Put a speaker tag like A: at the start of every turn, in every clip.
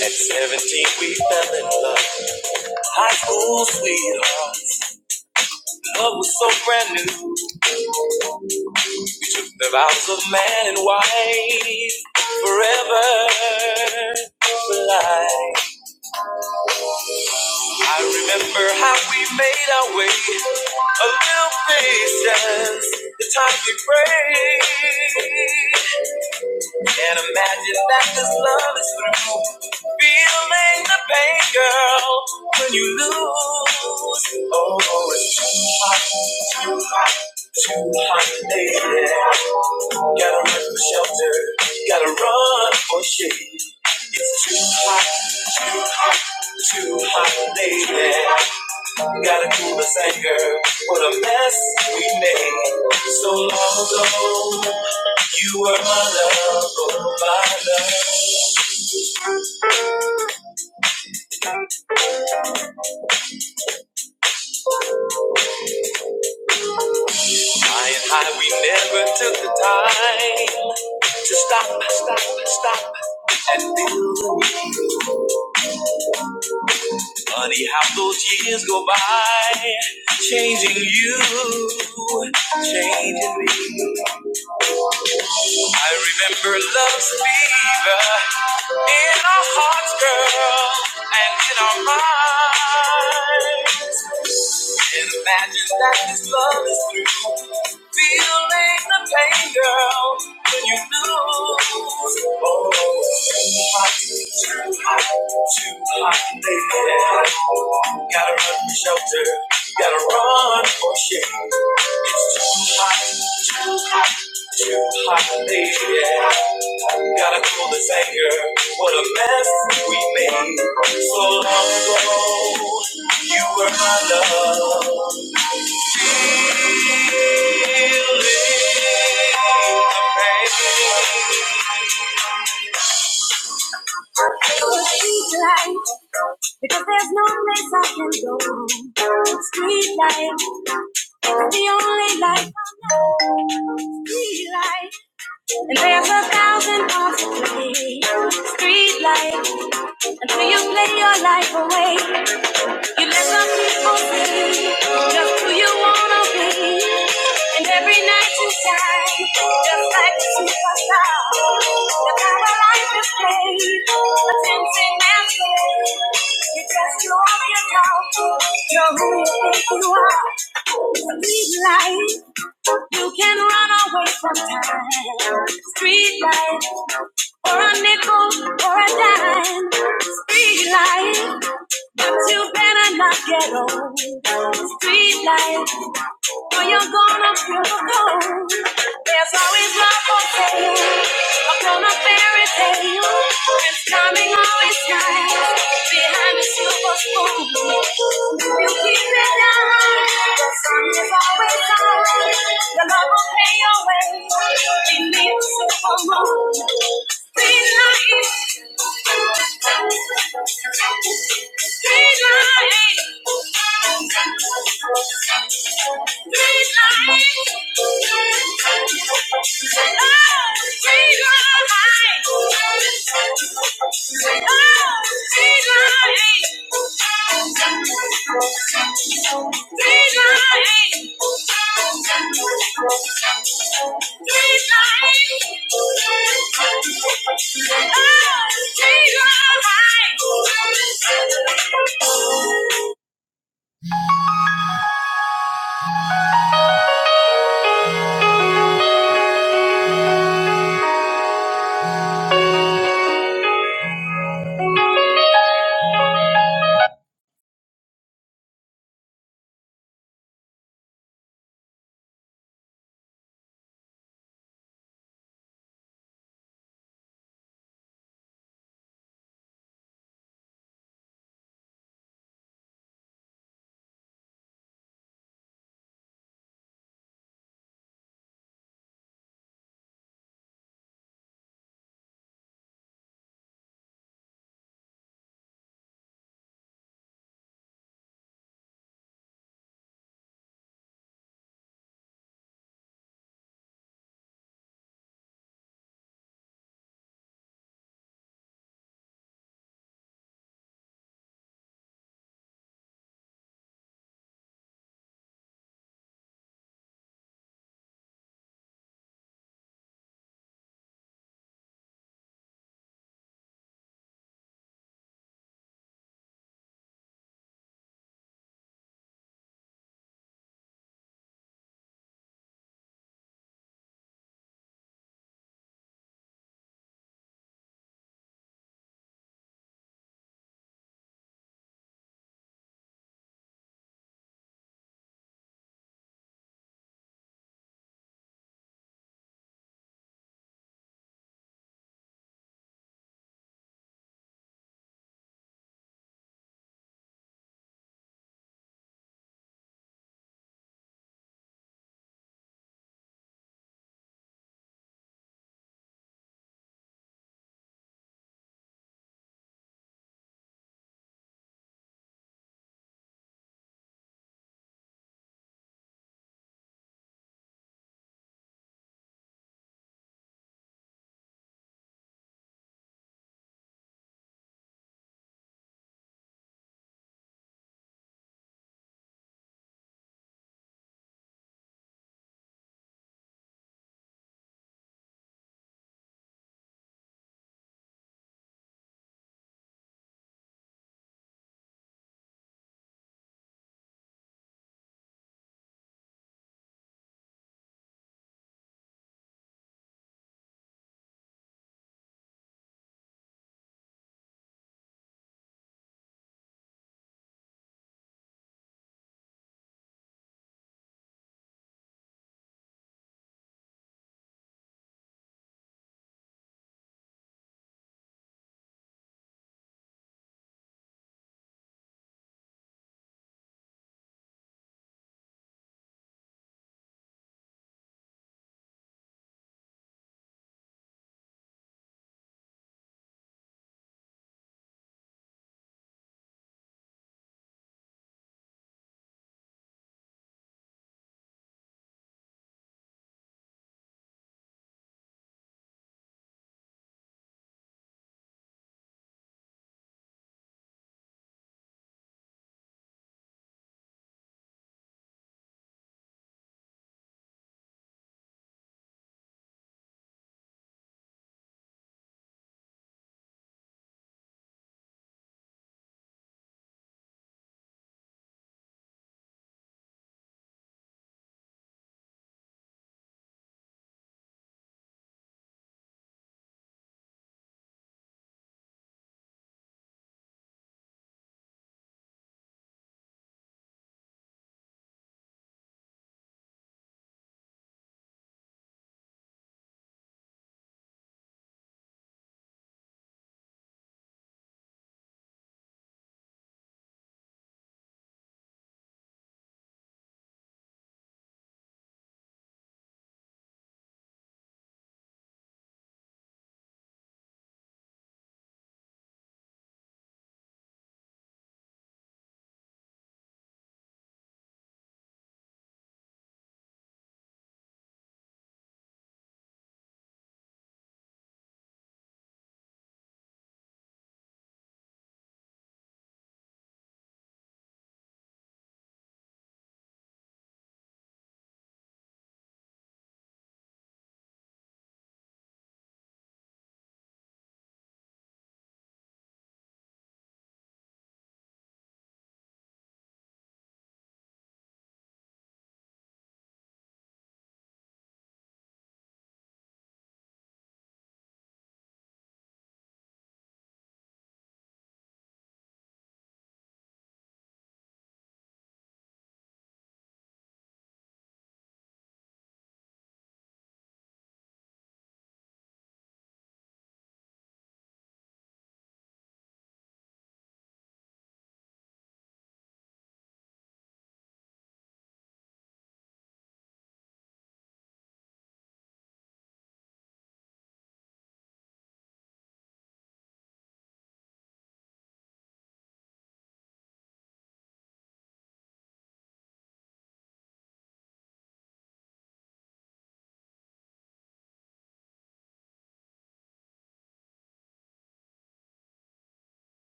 A: At 17, we fell in love. High school sweethearts, Love was so brand new. The vows of man and wife. Forever. for life. I remember how we made our way. A little patience. The time we prayed. Can't imagine that this love is through. Feeling the pain, girl, when you lose. Oh, it's too hard. Too hot day. Gotta run for shelter. Gotta run for shade. Too hot lady. Gotta cool this anger. What a mess we made. So long ago, you were my love, oh my love. High and high, we never took the time to stop, stop, stop, and think. Funny how those years go by, changing you, changing me. I remember love's fever in our hearts, girl, and in our minds. And imagine that this love is through. Feeling the pain, girl, when you lose. Oh, too hot, too hot, too hot, baby. Gotta run for shelter, gotta run for shade. Hot, hot, baby. Gotta cool this anger. What a mess we made. So long ago, you were my love. The pain. Street Light, because there's no place I can go. Street light, the only light I know. Street light, and there's a thousand parts to play. Street light, until you play your life away. You let some people be just who you wanna be. And every night you shine, just like a superstar. The power life is played, a tempting master. You just you off your doubt, you're who you think you are. So be light. You can run away from time. Street life or a nickel or a dime. Street life, but you better not get old. Street life or you're gonna feel the cold. There's always love for sale upon a fairy tale. It's coming always nice behind the silver spoon. If you keep it down, the sun is always out. The love will pay your way. We the a silver moon. Green light. We only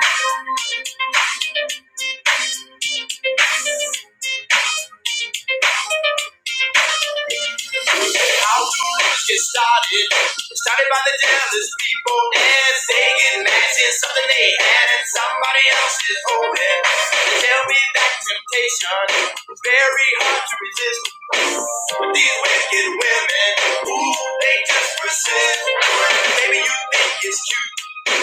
A: know. Get started. Started by the jealous people and they get matching something they had and somebody else's holding. Tell me that temptation is very hard to resist with these wicked women. Ooh, they just persist. Maybe you think it's cute,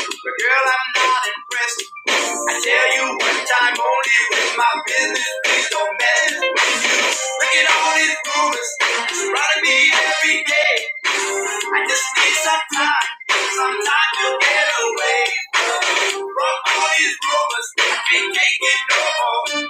A: but girl, I'm not impressed. I tell you one time only with my business, please don't mess with you. Look at all these rumors surrounding me every day. I just need some time, some time to get away. From all these rumors, we can't take it no more.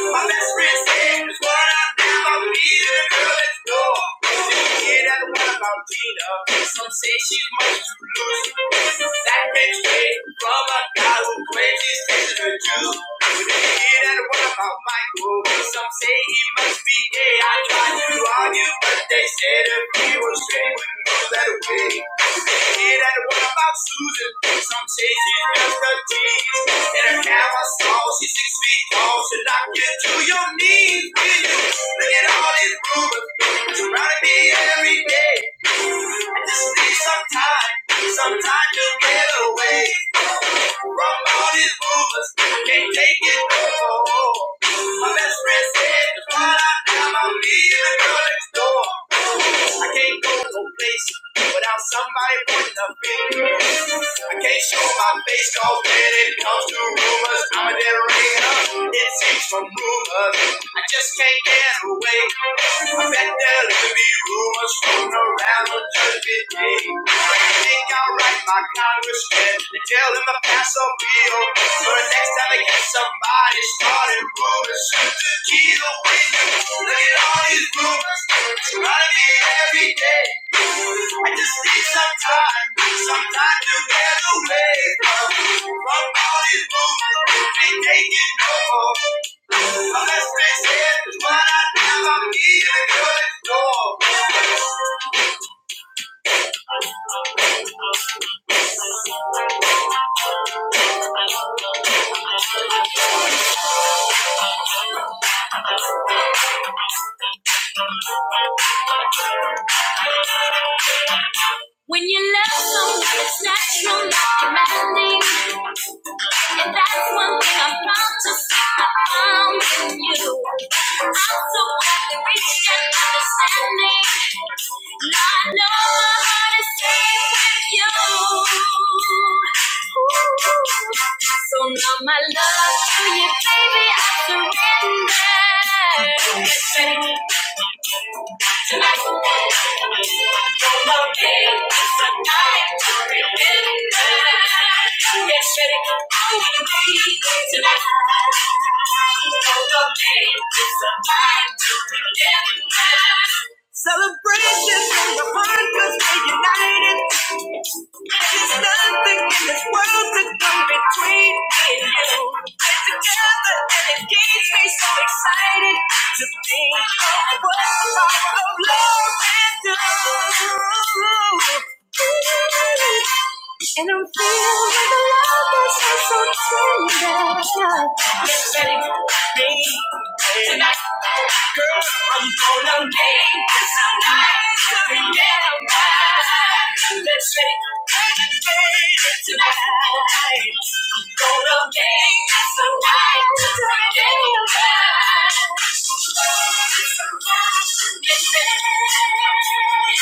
A: My best friend said, it's what I think about me, the girl next door. She kid that the one about Gina. Some say she's much too loose. That bitch came from a guy who claims he's dating a Jew. The kid at the one about Michael. Some say he must be gay. I tried to argue, but they said if he was straight, we know that way. It ain't what about Susan. Some chasing just the tease. And her now I saw she's six feet tall. She will knock you to your knees. Will you look at all these rumors surrounding me every day? I just need some time, some time to get away. From all these rumors, can't take it no more. My best friend said, "Just run out now, I'm leaving the girl next door." I can't go no place without somebody pointing a finger. I can't show my face, cause when it comes to rumors, I'm a dead ringer. It seems from rumors. I just can't get away. I bet there'll be rumors floating around on Judgment Day. I think I'll write my congressman and tell him to pass a bill. So the past will be over. But next time I get somebody started rumors, shoot the key away. Look at all these rumors surrounding me every day. I just need some time, some time to get away from, from all these rumors. They can't take it no more. When you love someone, it's natural, not demanding. And that's one thing I'm proud to say I found in you. I'm so glad we reached understanding. Now I know my heart is safe with you. Ooh. So now my love to you, baby, I surrender. Yes, Baby, Celebration for the purpose, we're united there's nothing in this world to come between me and you. We're together and it gets me so excited to think of what part of love is you. And I'm filled with a love that's so, so tender. Get ready for me tonight. Girl, I'm gonna make this a night to forget about. Let's make it tonight. I'm gonna make this a night to forget about. Get ready tonight.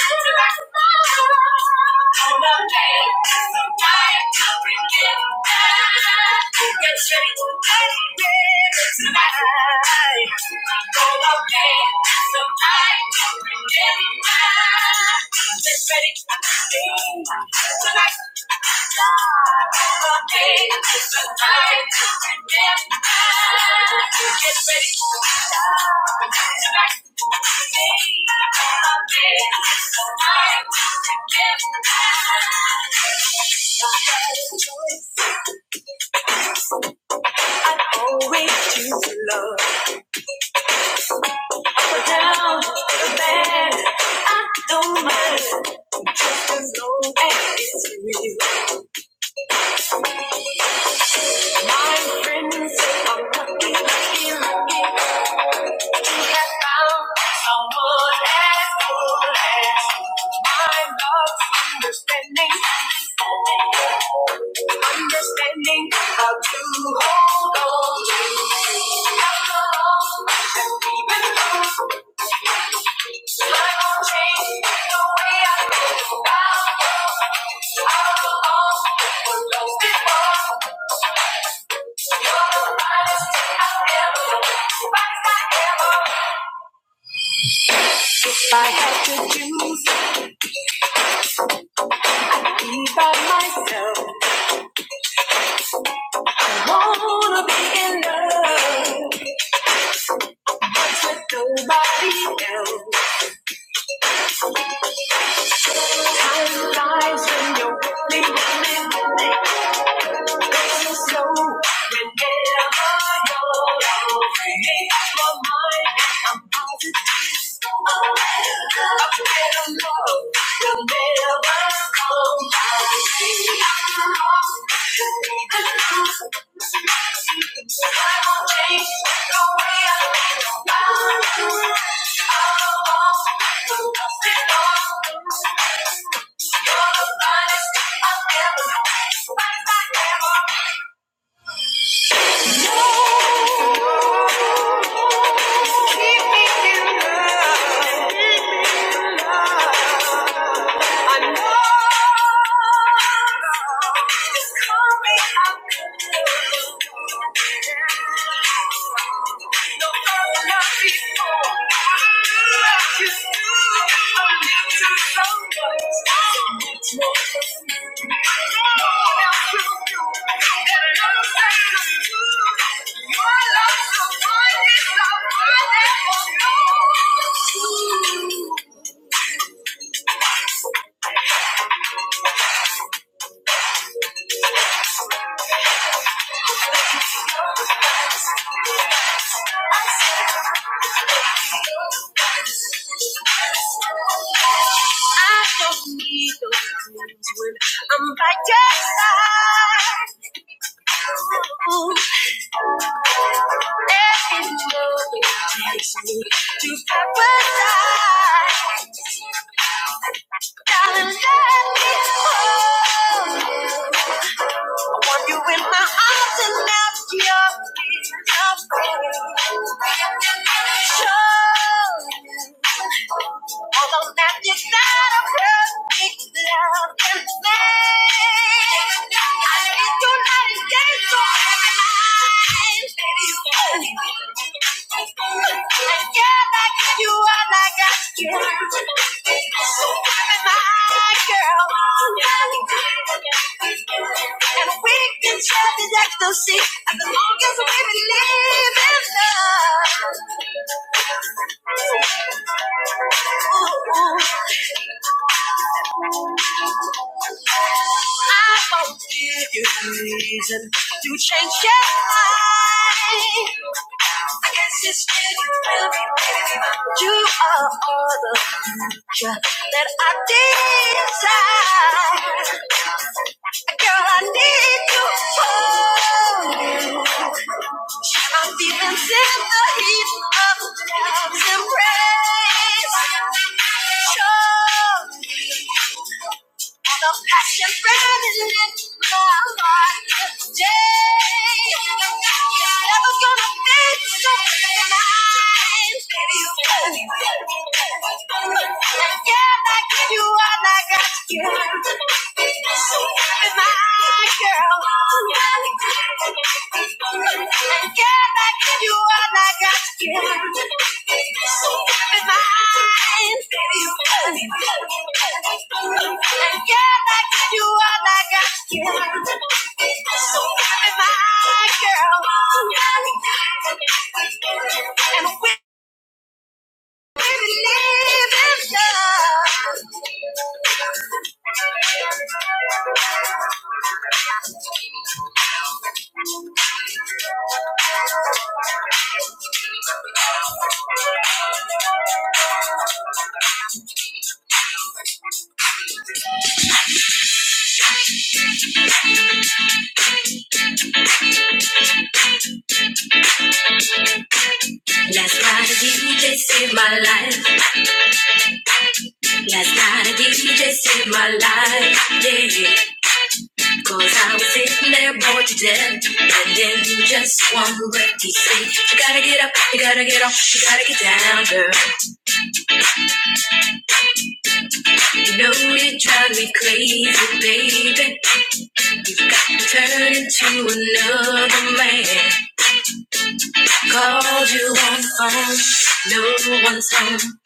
A: I'm gonna make this a night to forget about. Get ready to party tonight. Go out there, so I can forget it now. Get ready to sing tonight. Go out there, so I can forget it now. Get ready to sing tonight. Go out there, so I can forget it now always choose to love. Up or down, good bad, I don't mind as long as it's real. My friends say I'm lucky, lucky, lucky to have found someone as good as you. my love's understanding. Understanding how to hold on to. you. How to hold and even lose. Nobody else. Time flies when you're with me. It's so whenever you're around me, my mind I'm positive. A better love will never come by. me. You're the finest I've ever known. Finest I've ever known. Your love so fine, it's not worth it. Oh, no. I don't need those things when I'm by your side. Ooh, and love takes me to paradise. Darling, let me hold you. I want you in my arms and not your feet away. Show you, Although that you're not a perfect love in me. Ecstasy, as long as we believe in love. Ooh, ooh. I won't give you a reason to change your mind. I guess you still you will be there. You are all the future that I desire. Girl, I need you. Oh, I'm feeling sick of the heat of love's embrace. Show me all the passion burning in my heart today. It's never gonna fade so tonight. Baby, you got me. And yeah, I give you all I got. Yeah. So be my girl. Yeah. And we Last night a DJ saved my life. Last night a DJ saved my life. Yeah. yeah. Cause I was sitting there bored to death, and then you just want to breath you sleep. You gotta get up, you gotta get off, you gotta get down, girl. You know you drive me crazy, baby. Turn into another man. Called you on the phone, no one's home,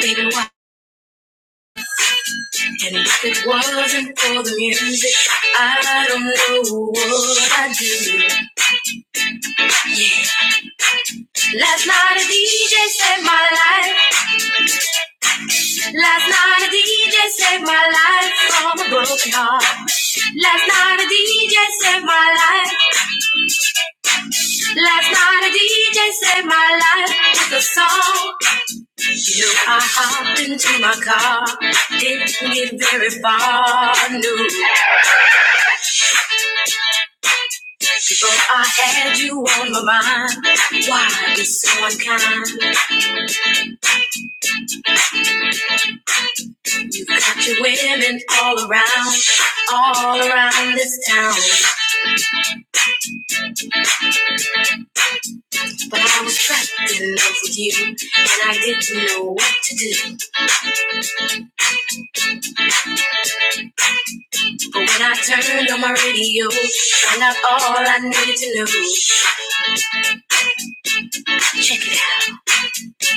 A: baby. Why? And if it wasn't for the music, I don't know what I'd do. Yeah. Last night a DJ saved my life. Last night a DJ saved my life from a broken heart. Last night a DJ saved my life. Last night a DJ saved my life with a song. You know I hopped into my car, didn't get very far. No, before I had you on my mind. Why be so unkind? You got your women all around, all around this town. But I was trapped in love with you, and I didn't know what to do. But when I turned on my radio, found out all I needed to know. Check it out.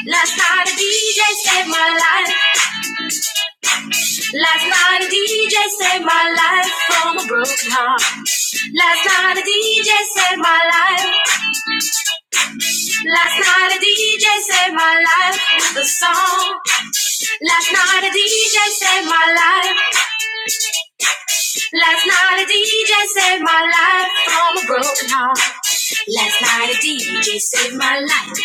A: Last night a DJ saved my life. Last night a DJ saved my life from a broken heart. Last night a DJ saved my life. Last night a DJ saved my life with a song. Last night a DJ saved my life. Last night a DJ saved my life from a broken heart. Last night a DJ saved my life.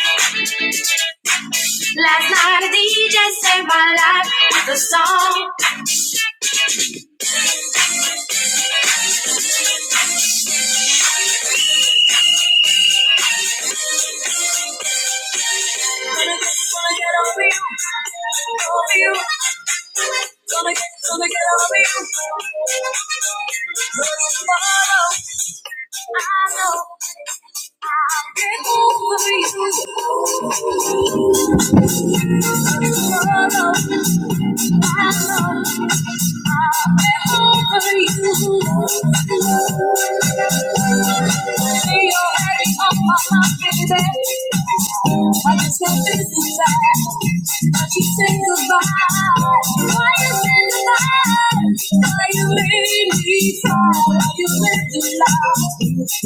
A: Last night a DJ saved my life with a song. Gonna get, gonna get over you, over you. Gonna get, gonna get over you. But tomorrow, I know I'll get over you. Tomorrow, Why you made me cry? Why you made me laugh? Thank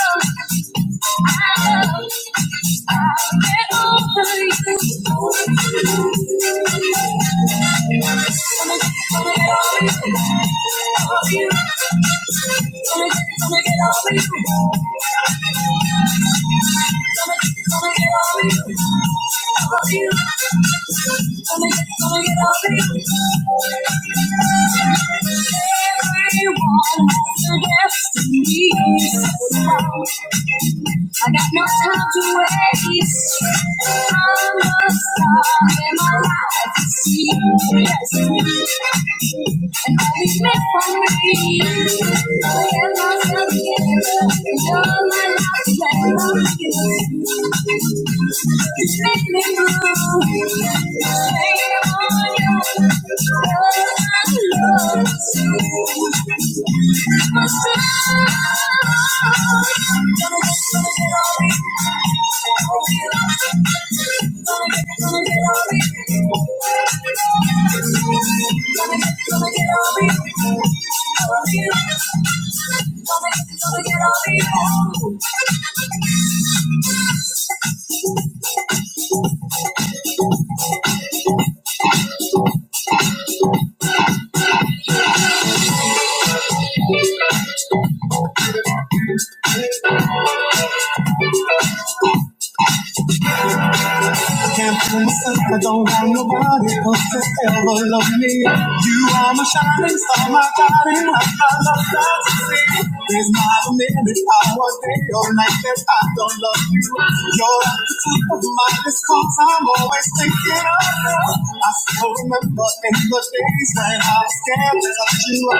A: you get Gonna get over you. Everyone has a destiny so strong. I got no time to waste. I am must start in my life to see the destiny. And all is meant for me. I am myself together. You're my life plan. Just Make me move. Shame on you. Love, love, my soul. Gonna get on me, gonna get on me, I can't fool myself. I don't want nobody else to ever love me. You are my shining star, my God, and I, love that to see. There's not a minute, hour, day, or night that I don't love you. You're at the top of my list, cause I'm always thinking of you. I still remember in the days when I was scared to touch you. I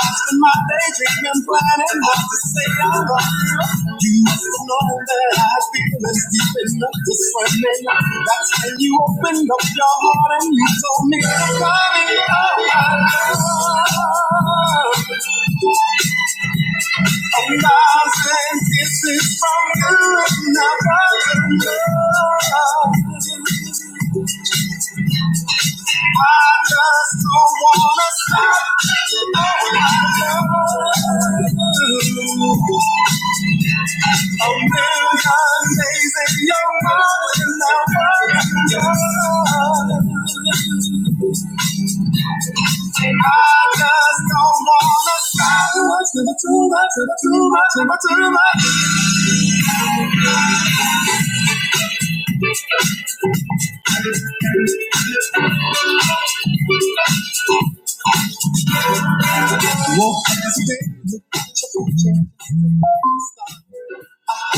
A: was in my daydream and planning what to say I love you. You must have known that I I think this deep is not the swimming. That's when you opened up your heart and you told me, darling, oh, I love. A thousand kisses from you is never enough. I just don't wanna stop. Oh, I love you. A million days in your mind is never enough. I just don't wanna stop. Too much, never too much, too much, too much. Woke up this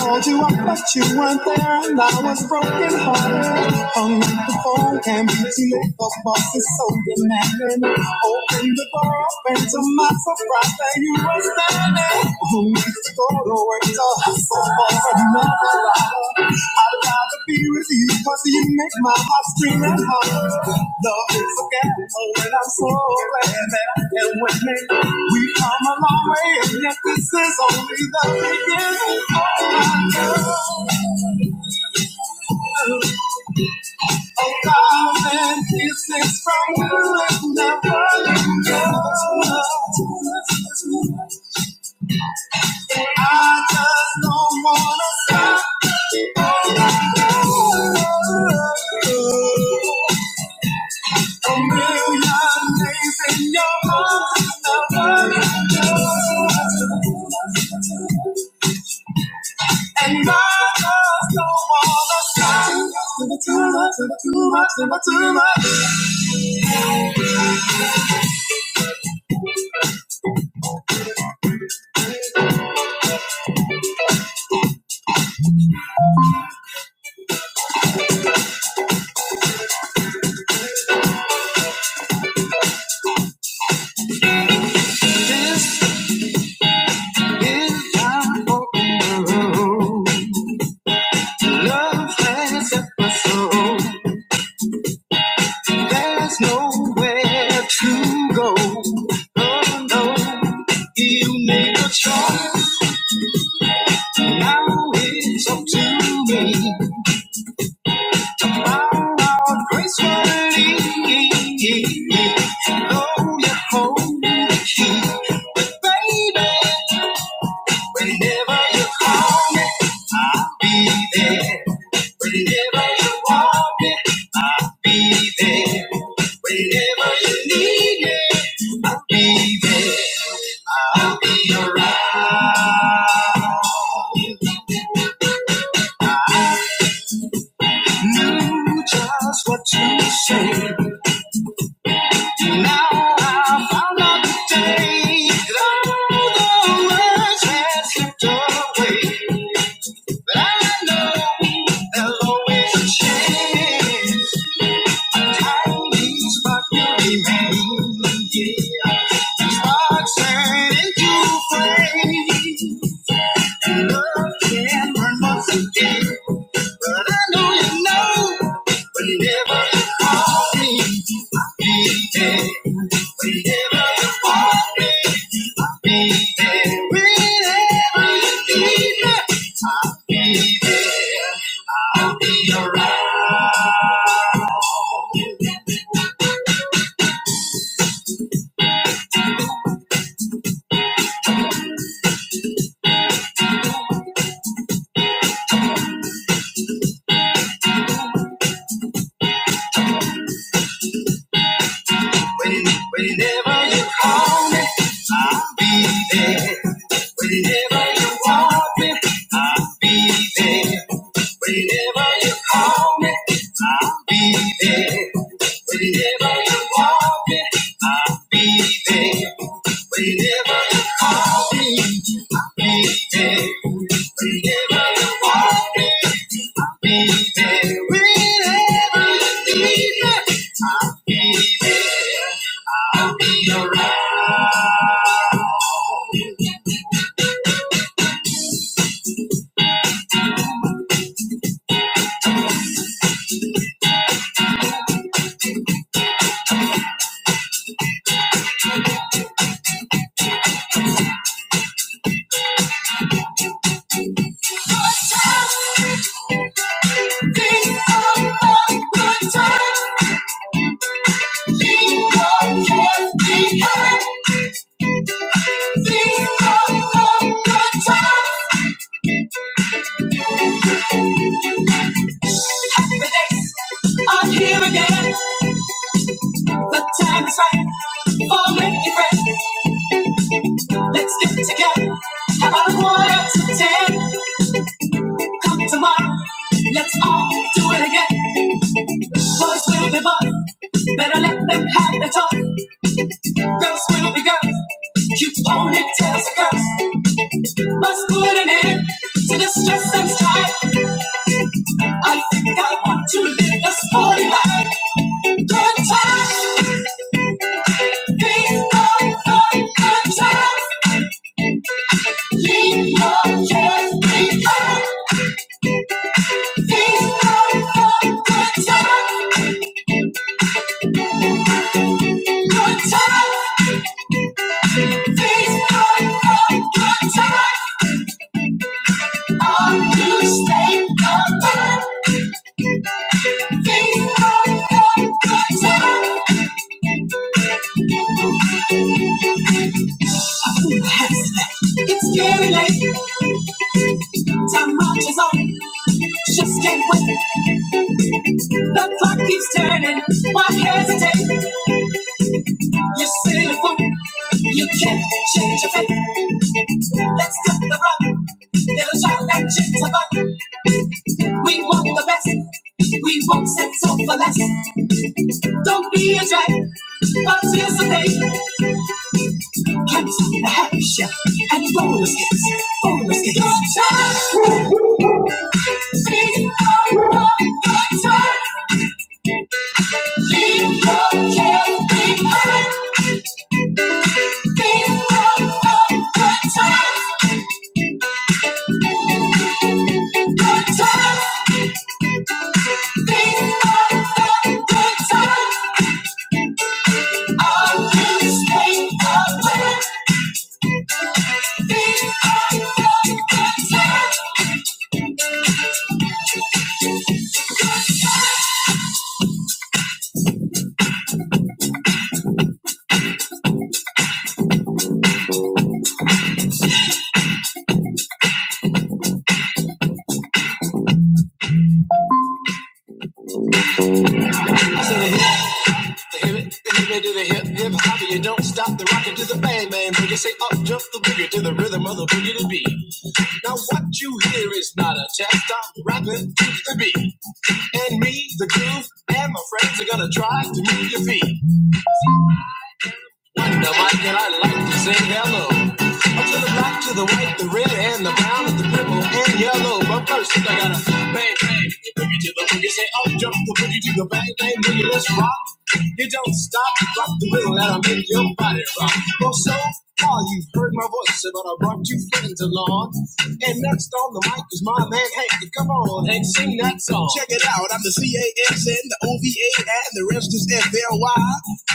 A: Called you up, but you weren't there, and I was broken hearted. Hung up the phone, can't be too late, cause boss is so demanding. Opened the door up, and to my surprise, that you were standing. Who needs to go to work to hustle for another dollar? to be with you because you make my heart scream at heart. Love is a gamble, and I'm so glad that I can with me. We've come a long way and yet this is only the beginning. Oh my girl, a thousand kisses from you and never let go. I just don't wanna stop. Oh my girl. A million days in your heart, and my love don't wanna stop. Too much, too much, never too much, never too much. This is my world. Love has set my soul. There's nowhere to go. Oh no, you make a choice. Now it's up to me. Whenever you call me, i Whenever you want me, I'll be there. Whenever you need me, I'll be there. I'll be around. Knew just what to say. Now I found out today that all the words had slipped away. But I know there'll always a chance. Tiny spark will remain. Yeah. Sparks turn into flame. And love can burn once again. But I know you know whenever you call me, I'll be there. Whenever you call me, I'll be there. Whenever you need me, I'll be there. Think of a good time. Think of what we had the next. I'm here again. The time is right for making friends. Let's get together. Have a quarter to ten. Come tomorrow, let's all do it again. Boys will be boys, better let them have the toy. Girls will be girls, cute ponytails are girls. Must put an end to the stress and strife. I think I want to live a sporty life. Good times, things going good. Good times, leave your cares behind. Things going good. Good times, good times. It's getting late. Time marches on. Just can't wait. The clock keeps turning. Why hesitate? You're silly fool. You can't change your fate. Let's cut the rug. Little child and gentle bug. We want the best. We won't settle for less. Don't be a drag. Participate. Candice in the house, and it's bonus kids, bonus kids. Good time, good time, good time. All in this place. Jump the boogie to the bang bang boogie, let's rock. You don't stop, rock the rhythm that'll make your body rock. Well, so far you've heard my voice, but I brought two friends along. And next on the mic is my man Hank. Come on, Hank, sing that song. Check it out. I'm the C-A-S-N, the O-V-A, and the rest is F-L-Y.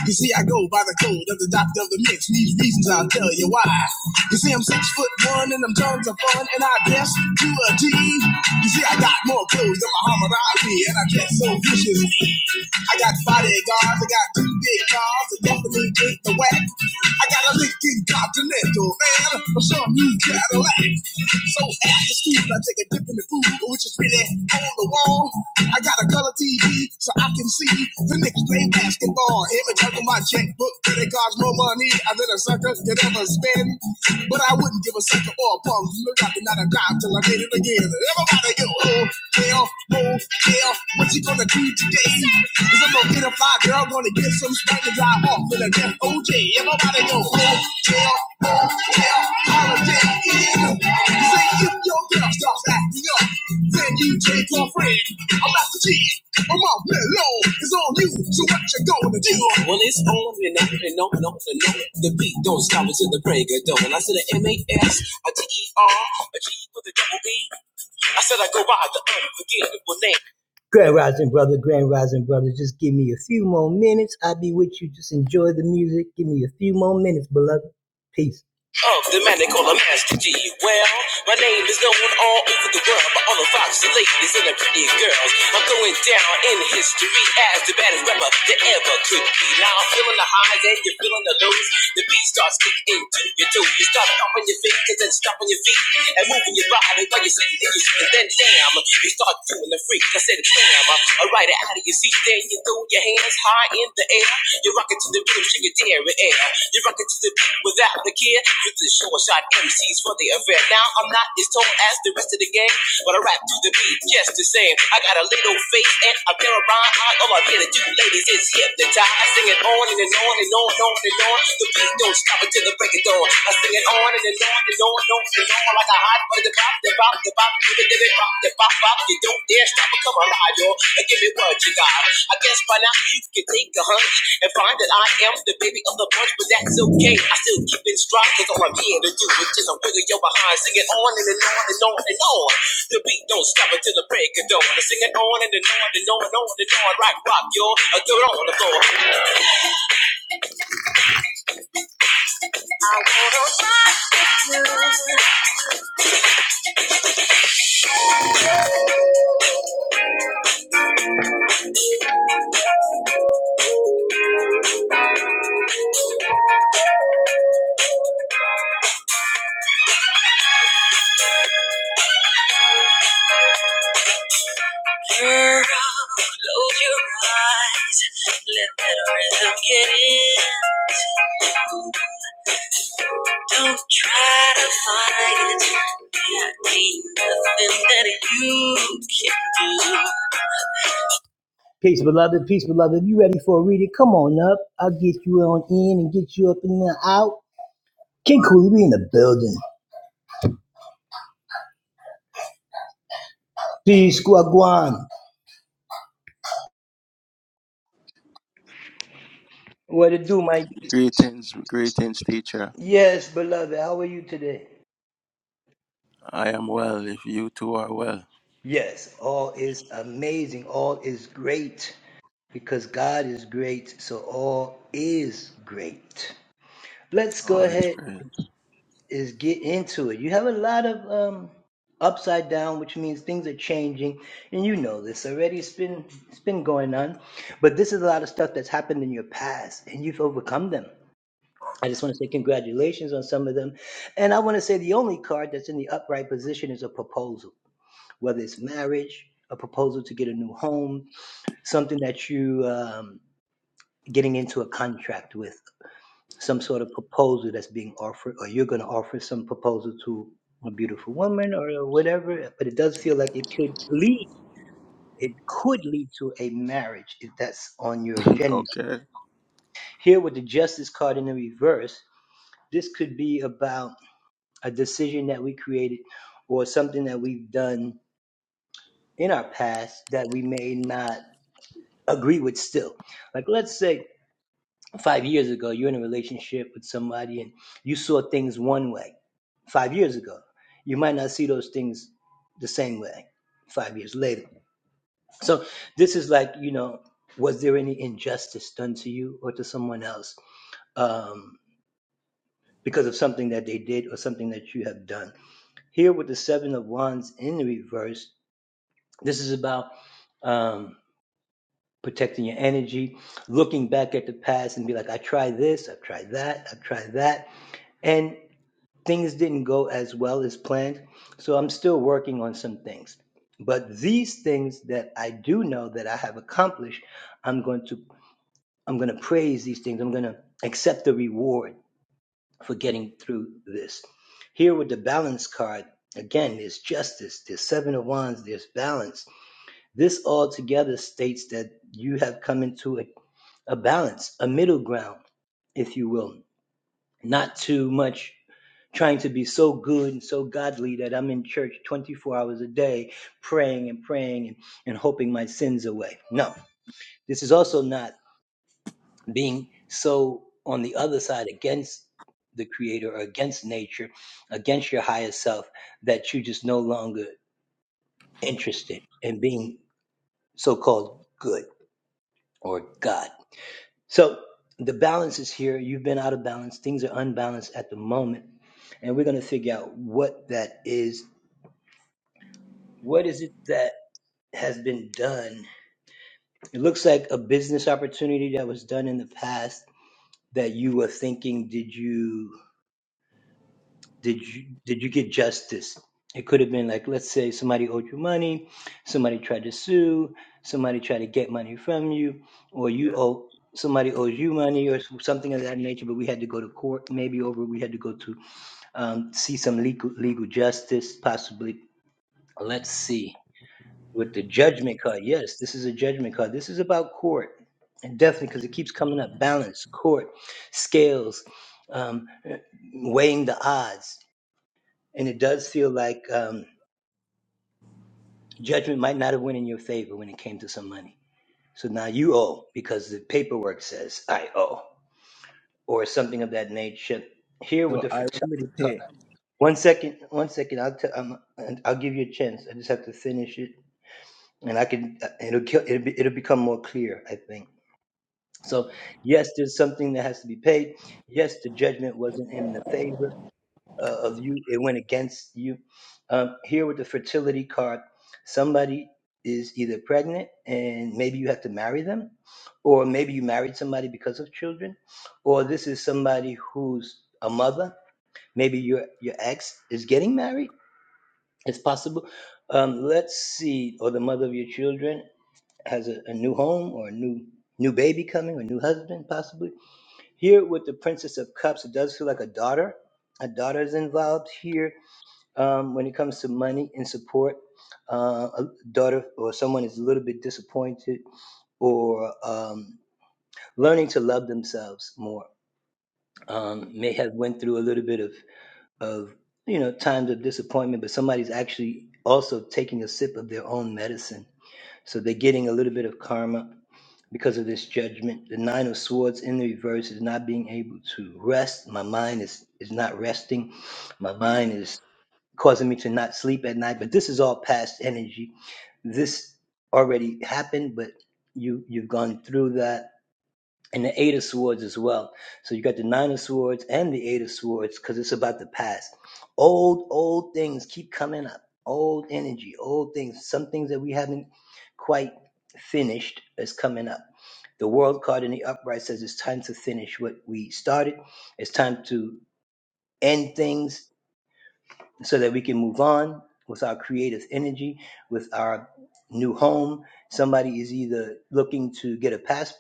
A: You see, I go by the code of the doctor of the mix. These reasons I'll tell you why. You see, I'm six foot one and I'm tons of fun, and I guess you a G. You see, I got more clothes than Muhammad Ali, and I dress so viciously. I got bodyguards, I got two big cars, and ain't the whack. I got a Lincoln Continental and some new Cadillac. So after school, I take a dip in the food, which is really on the wall. I got a color TV so I can see the Knicks play basketball. Every time on my checkbook, it costs more money than a sucker could ever spend. But I wouldn't give a sucker or a punk. Look out the knife till I did it again. Everybody go, oh, hell, oh, hell, what you gonna do today? Cause I'm gonna get a fly girl, gonna get some spank and drive off in a I'm to the break of dawn. I said a M A S, a D E R, a G with a double B. I said I go by the unforgettable name. of the man they call a Master G. Well, my name is known all over the world by all the foxy ladies and the pretty girls. I'm going down in history as the baddest rapper that ever could be. Now I'm feeling the highs and you're feeling the lows. The beat starts kicking into your toe. You start stomping your fingers and stomping your feet and moving your body while you're sitting in your seat. And then damn, you start doing the freak. I said, damn jammer. A rider out of your seat, there you throw your hands high in the air. You rock it to the rhythm, shake it there and air. You rock it to the beat without the care. With the short shot MCs for the affair. Now I'm not as tall as the rest of the gang, but I rap to the beat just the same. I got a little face and a pair of rhyme eyes. All I'm here to do, ladies, is hypnotize. I Sing it on and, and on and on and on and on. The beat don't stop until the break it down. I sing it on and it on and on and on and on like a hot butter. The bop, the bop, the bop, give it, give it, bop, the bop, bop. You don't dare stop or come alive, yo, and give me what you got. I guess by now you can take a hunch and find that I am the baby of the bunch, but that's okay. I still keep it strong because all I'm here to do is just a wiggle your behind. Sing it on and, and on and on and on. The beat don't stop until the break of dawn. Girl, close your eyes, let that rhythm get in. Don't try to fight it. There ain't nothing that you can do.
B: Greetings, greetings, teacher.
A: Yes, beloved, how are you today?
B: I am well. If you two are well,
A: Yes, all is amazing. All is great because God is great. So all is great. Let's go
B: all is
A: ahead
B: great.
A: and get into it. You have a lot of um upside down, which means things are changing, and you know this already. It's been it's been going on, but this is a lot of stuff that's happened in your past, and you've overcome them. I just want to say congratulations on some of them. And I want to say the only card that's in the upright position is a proposal, whether it's marriage, a proposal to get a new home, something that you um, getting into a contract with, some sort of proposal that's being offered, or you're going to offer some proposal to a beautiful woman or whatever. But it does feel like it could lead. It could lead to a marriage if that's on your agenda.
B: okay.
A: Here with the justice card in the reverse, this could be about a decision that we created or something that we've done in our past that we made injustice done to someone else um, because of something that something that you have done. Here with the seven of wands in the re-
B: So I will say,
A: end things so that we on with our creative energy. Known somebody is either looking to get past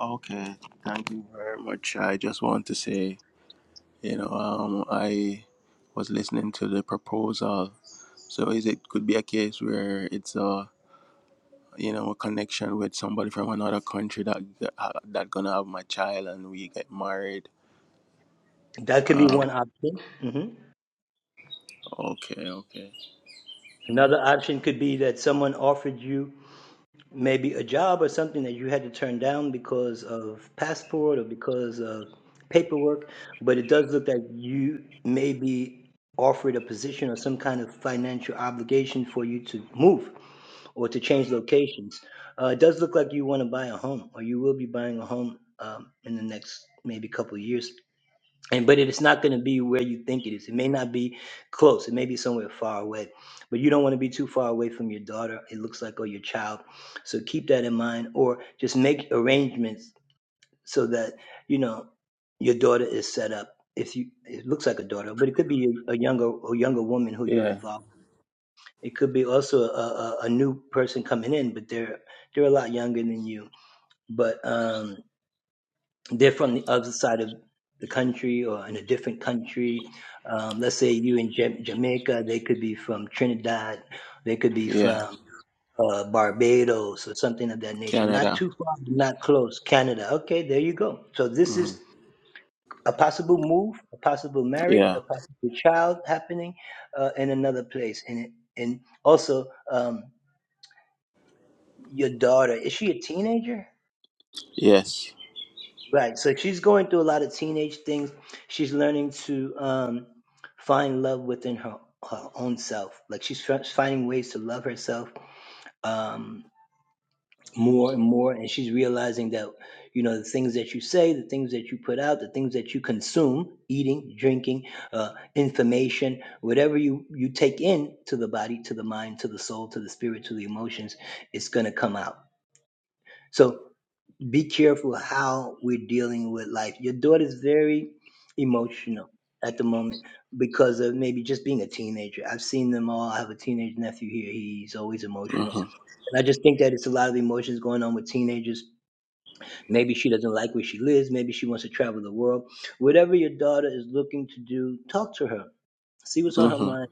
B: okay, thank you very much. I just want to say, you know, um, I was listening to the proposal. So is it could be a case where it's a you know a connection with somebody from another country that that gonna have my child and we get married. Um, okay, okay. Yeah, yeah. Canada. hmm Yeah. Yes. Mm-hmm. Mm-hmm.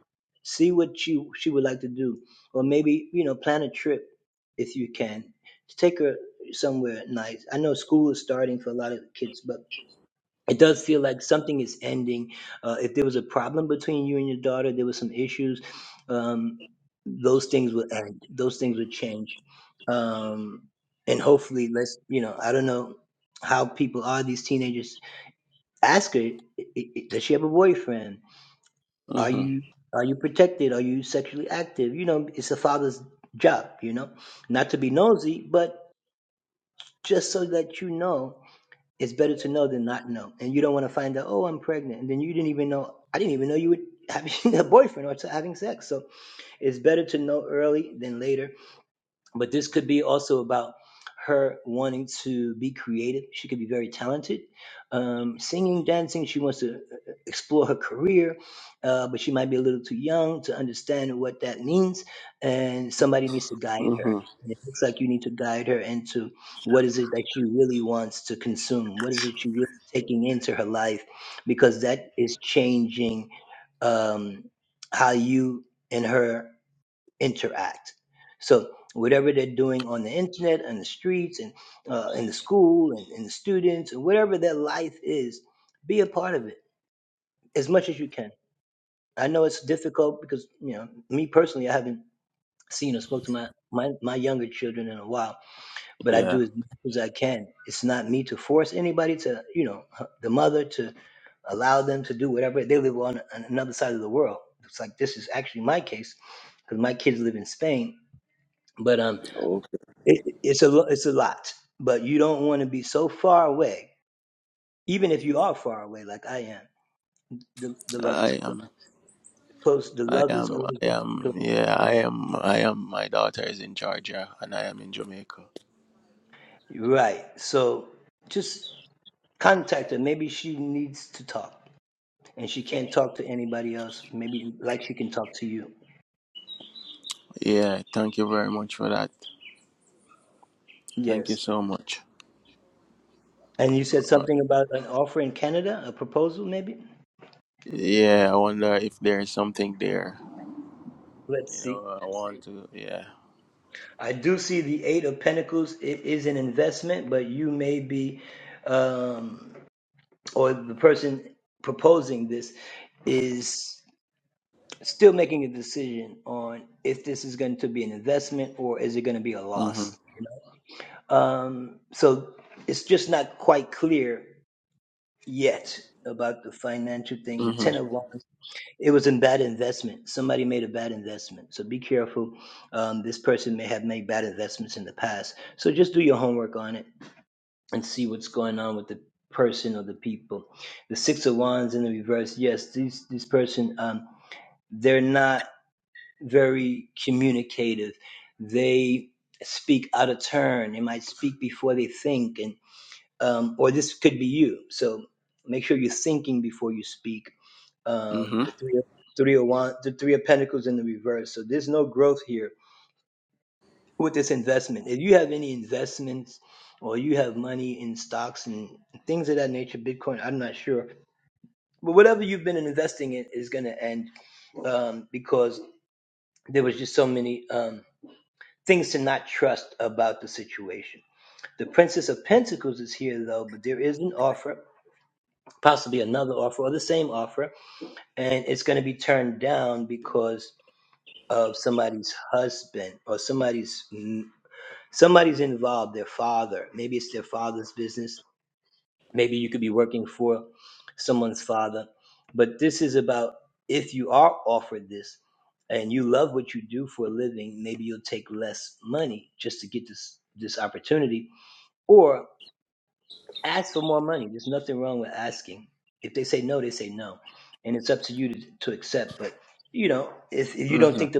A: the wood and
B: Mm-hmm.
A: others, you know, not to be nosy, but just so that you know it's no, and you don't want to find out. Oh, I'm pregnant, and then you didn't even know. I didn't even know
B: Mm-hmm. Yeah.
A: me to force anybody to, you know, the mother to allow them to do whatever. They live on an- another side of the world. It's like this is actually my case because my kids live in Spain. But um,
B: Okay.
A: it, it's a lo- it's a lot. But you don't want to be so far away, even if you are far away, like I am. The, the love is close.
B: I am.
A: close. The
B: I
A: love is
B: am.
A: always
B: I
A: going to be
B: am.
A: close.
B: Yeah. I am. I am. My daughter is in Georgia, and I am in Jamaica. Yeah. Thank you very much for that. Thank you so much. Uh, Yeah. I wonder if there is something there. You know. I want to. Yeah. Mhm. Mhm. Mhm. Mhm.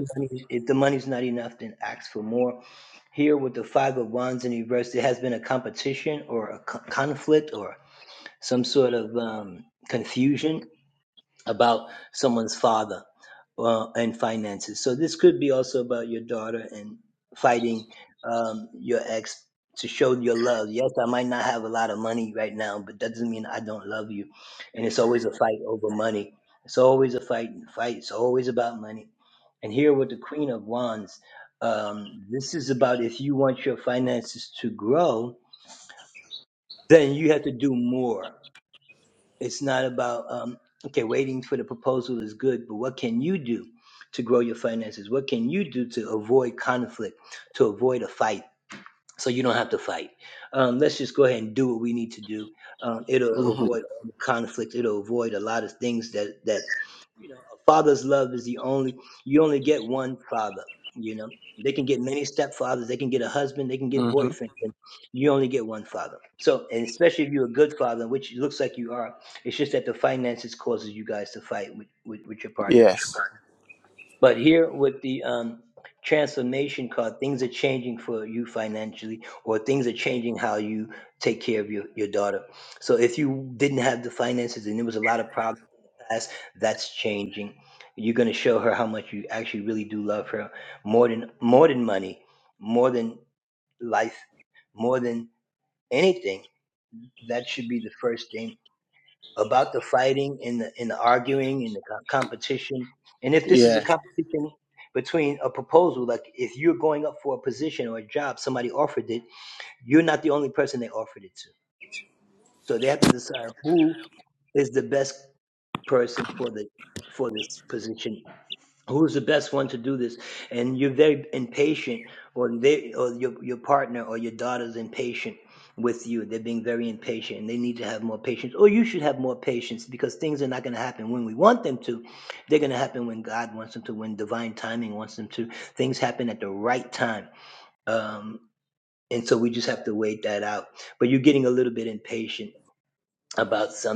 B: Mhm. Mhm. Yes. Yeah.
A: Like, For instance, who do this, and they and or they or your partner or your daughter's impatient with some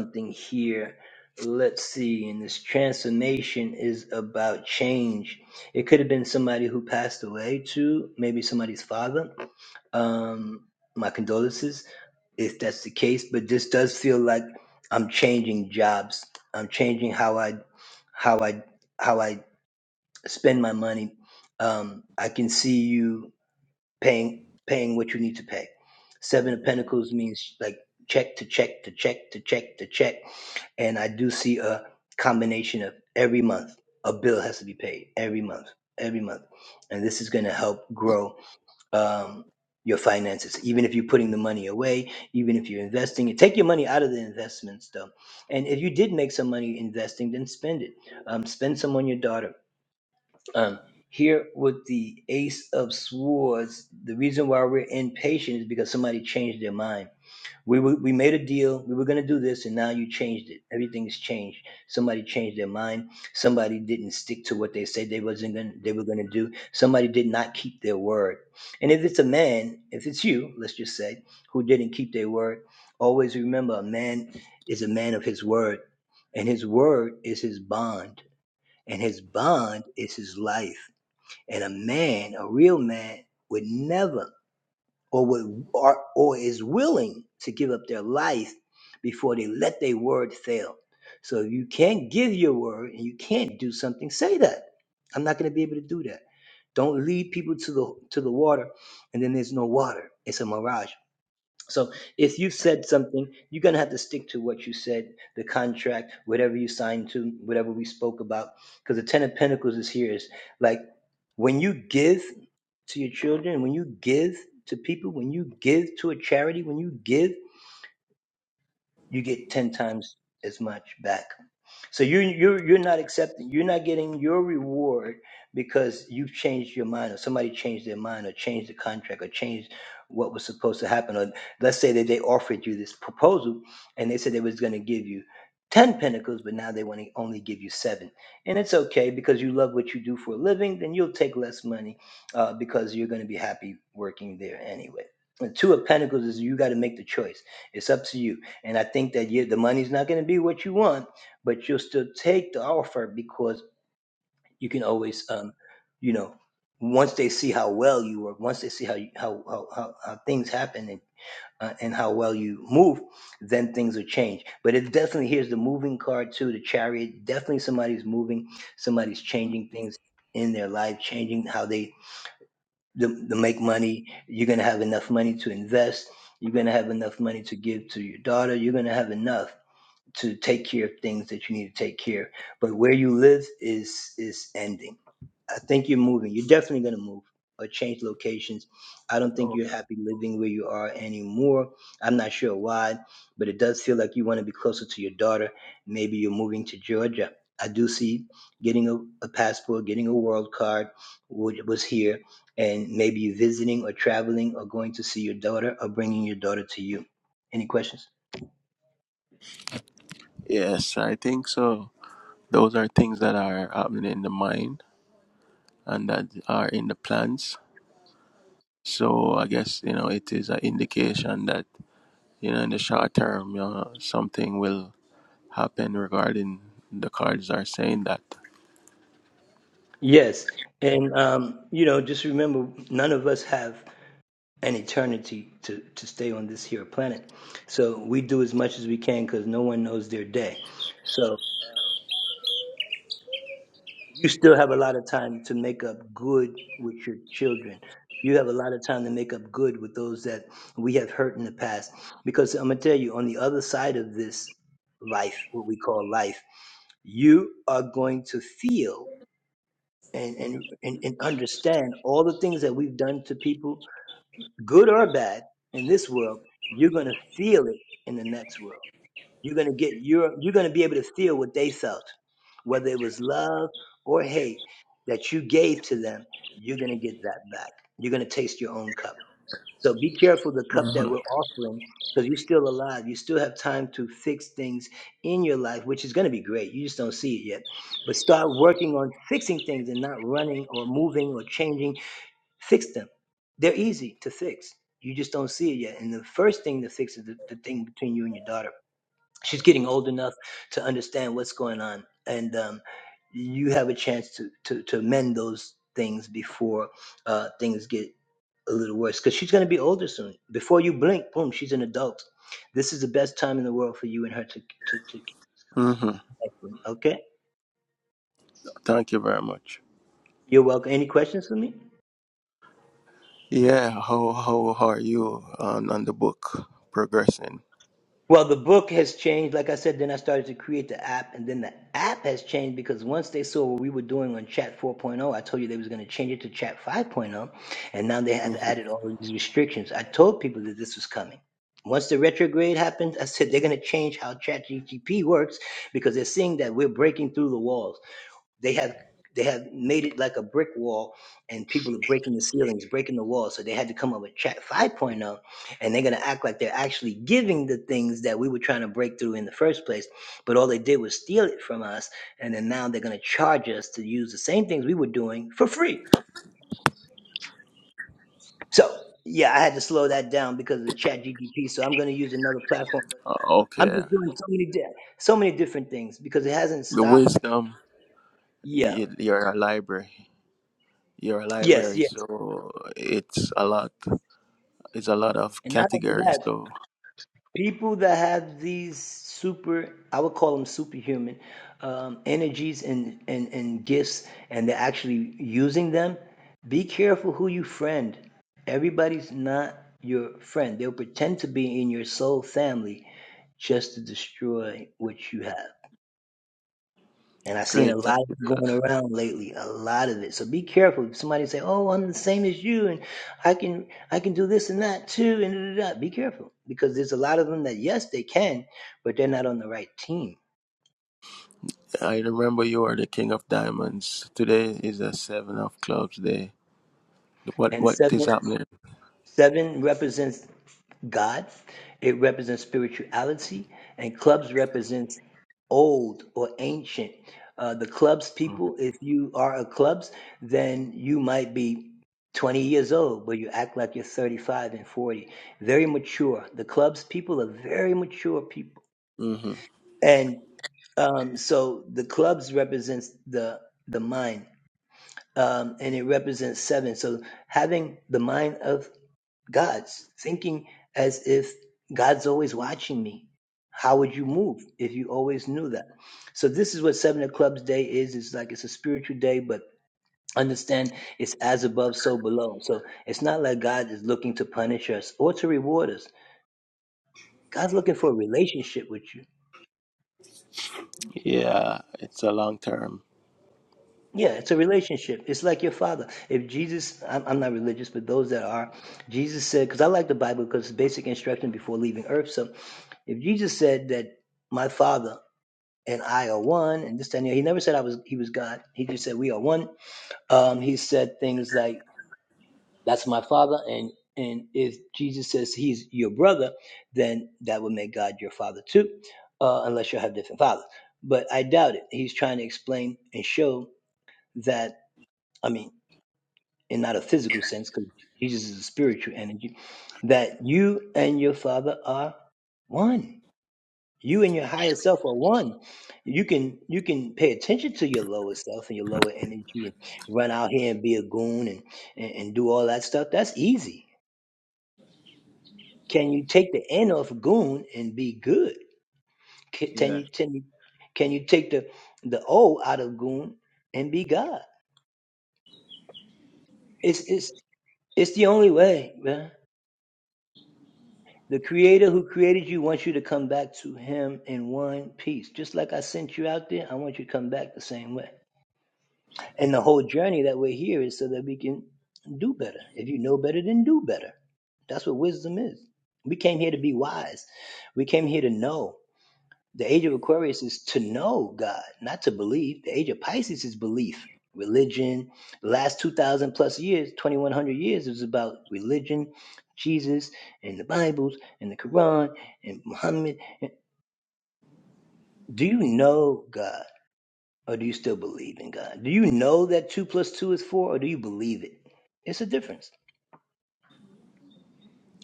A: summation is it too. maybe Father,
B: Okay. Yes. I think so. Those are things that are happening in the mind. and that are in the plans. So I guess you know it is an indication that you know in the short term, you know, something will happen regarding the cards are saying that. hmm hmm Thank you very much. Yeah, how how how are you on on the book progressing? Mhm.
A: they're going to charge us to use the same things we were doing for free. So, yeah, I had to slow that down because of the chat GDP. So I'm going to use another platform, but
B: Uh,
A: I'm
B: okay,
A: just doing so many, di- so many different things because it hasn't
B: the
A: stopped.
B: wisdom.
A: Yeah.
B: You, you're a library. You're a
A: Yes.
B: library,
A: Yes.
B: so it's a lot. It's a lot of
A: And not only
B: categories.
A: that,
B: So
A: people that have these super
B: great. I remember you are the king of diamonds. Today is a seven of clubs day. What what is happening? Mm-hmm.
A: above, so below. So it's not like God is looking to punish us or to reward us. God's looking for a relationship with you.
B: Yeah, it's a long term.
A: Yeah, it's a relationship. It's like your father. If Jesus, I'm, I'm not religious, but those that are, Jesus said, because I like the Bible because it's basic instruction before leaving earth. So if Jesus said that my father and I are one and this, that, and the other, he never said I was, he was God. He,
B: Yeah,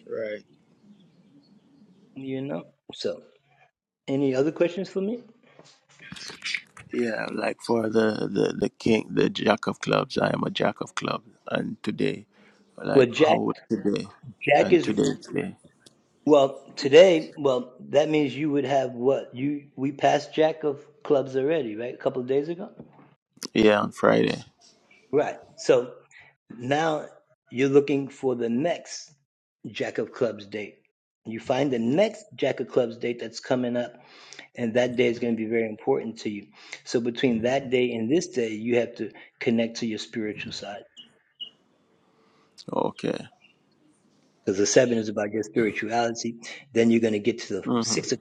B: right. Yeah, like for the, the the king, the jack of clubs. I am a jack of clubs, and today, like how would today, and today, today. Yeah, on Friday. Okay. Mm-hmm.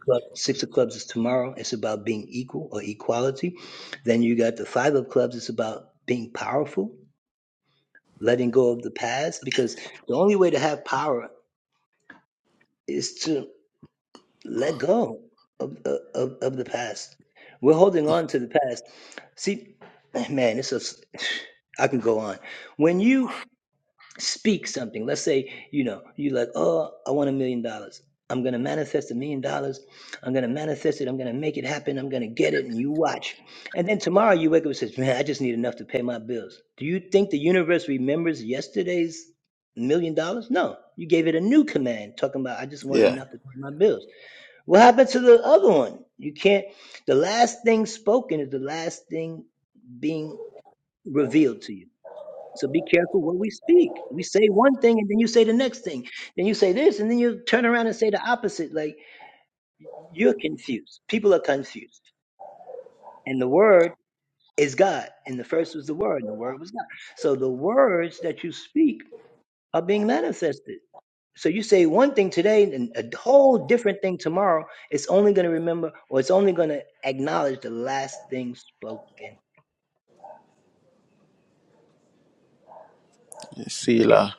B: Yeah,
A: you can't, the last thing spoken is the last thing being revealed to you. So be careful what we speak. We say one thing and then you say the next thing. Then you say this and then you turn around and say the opposite. Like you're confused. People are confused. And the word, is God, and the first was the Word, and the Word was God. So the words that you speak are being manifested. So you say one thing today, and uh,
B: Sila,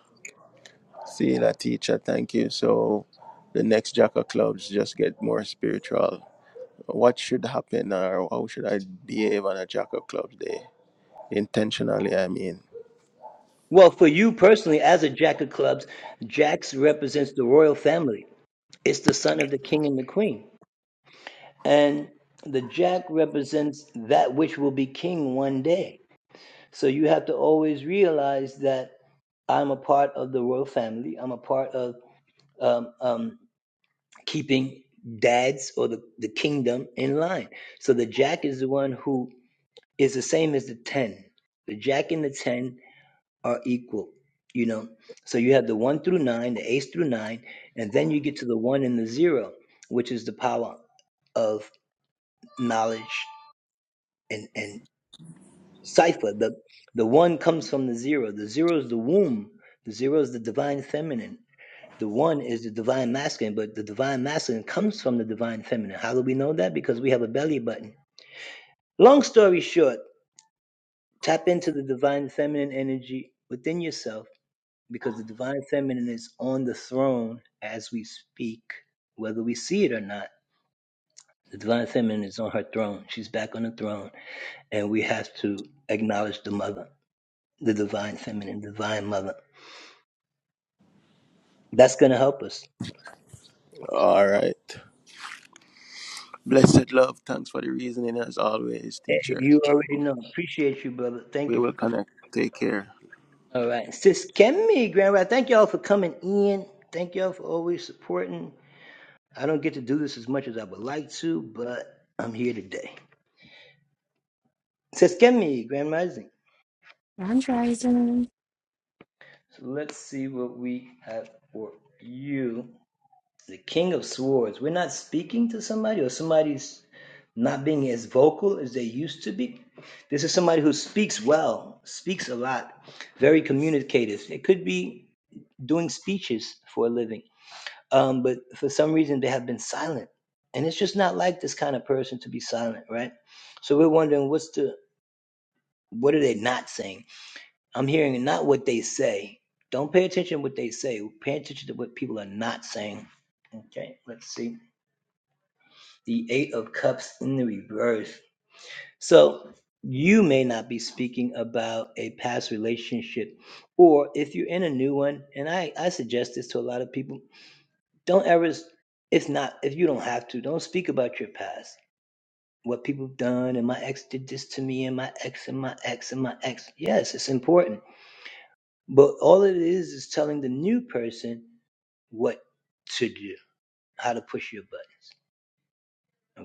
B: Sila teacher. Thank you. So, the next jack of clubs just get more spiritual what should happen or how should I behave on a Jack of Clubs day? Intentionally, I mean.
A: Jack's really, and the Jack represents that which will be king one day. So you have to always realize that I'm a part of the royal family. I'm a part of um, um, keeping dads or the, the kingdom in line. So the Jack is the one who is the same as the ten. The Jack and the ten, divine feminine. One is the divine masculine, but the divine masculine comes from the divine. How do you know that? The belly button. Long story short,
B: All right. Blessed love. Thanks for the reasoning as always, teacher. We will connect. Take care.
C: Grand Rising.
A: all it is is telling the new person what how to push your buttons.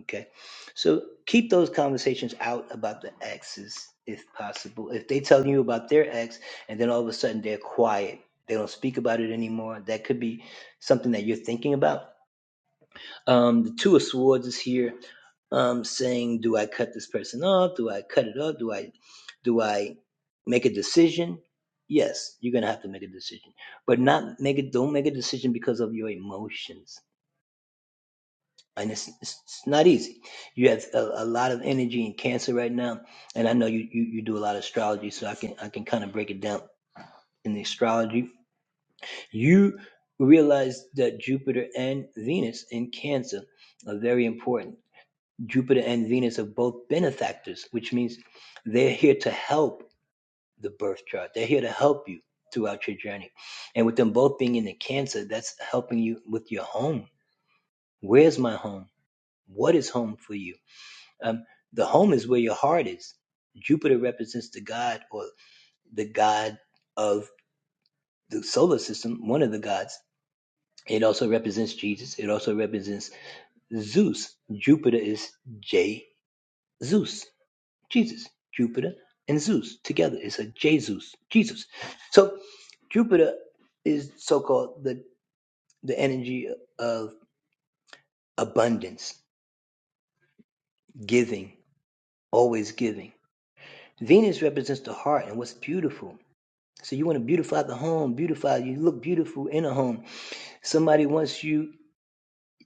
A: Okay, so keep those conversations out about the exes if possible. If they tell you about their ex and then all of a sudden they're quiet, they don't speak about it anymore. That could be something that you're thinking about. Um, the two of swords is here um, saying, "Do I cut this person off? Do I cut it off? Do I, do I?" In astrology, you, Jupiter and Jupiter and Venus have both benefactors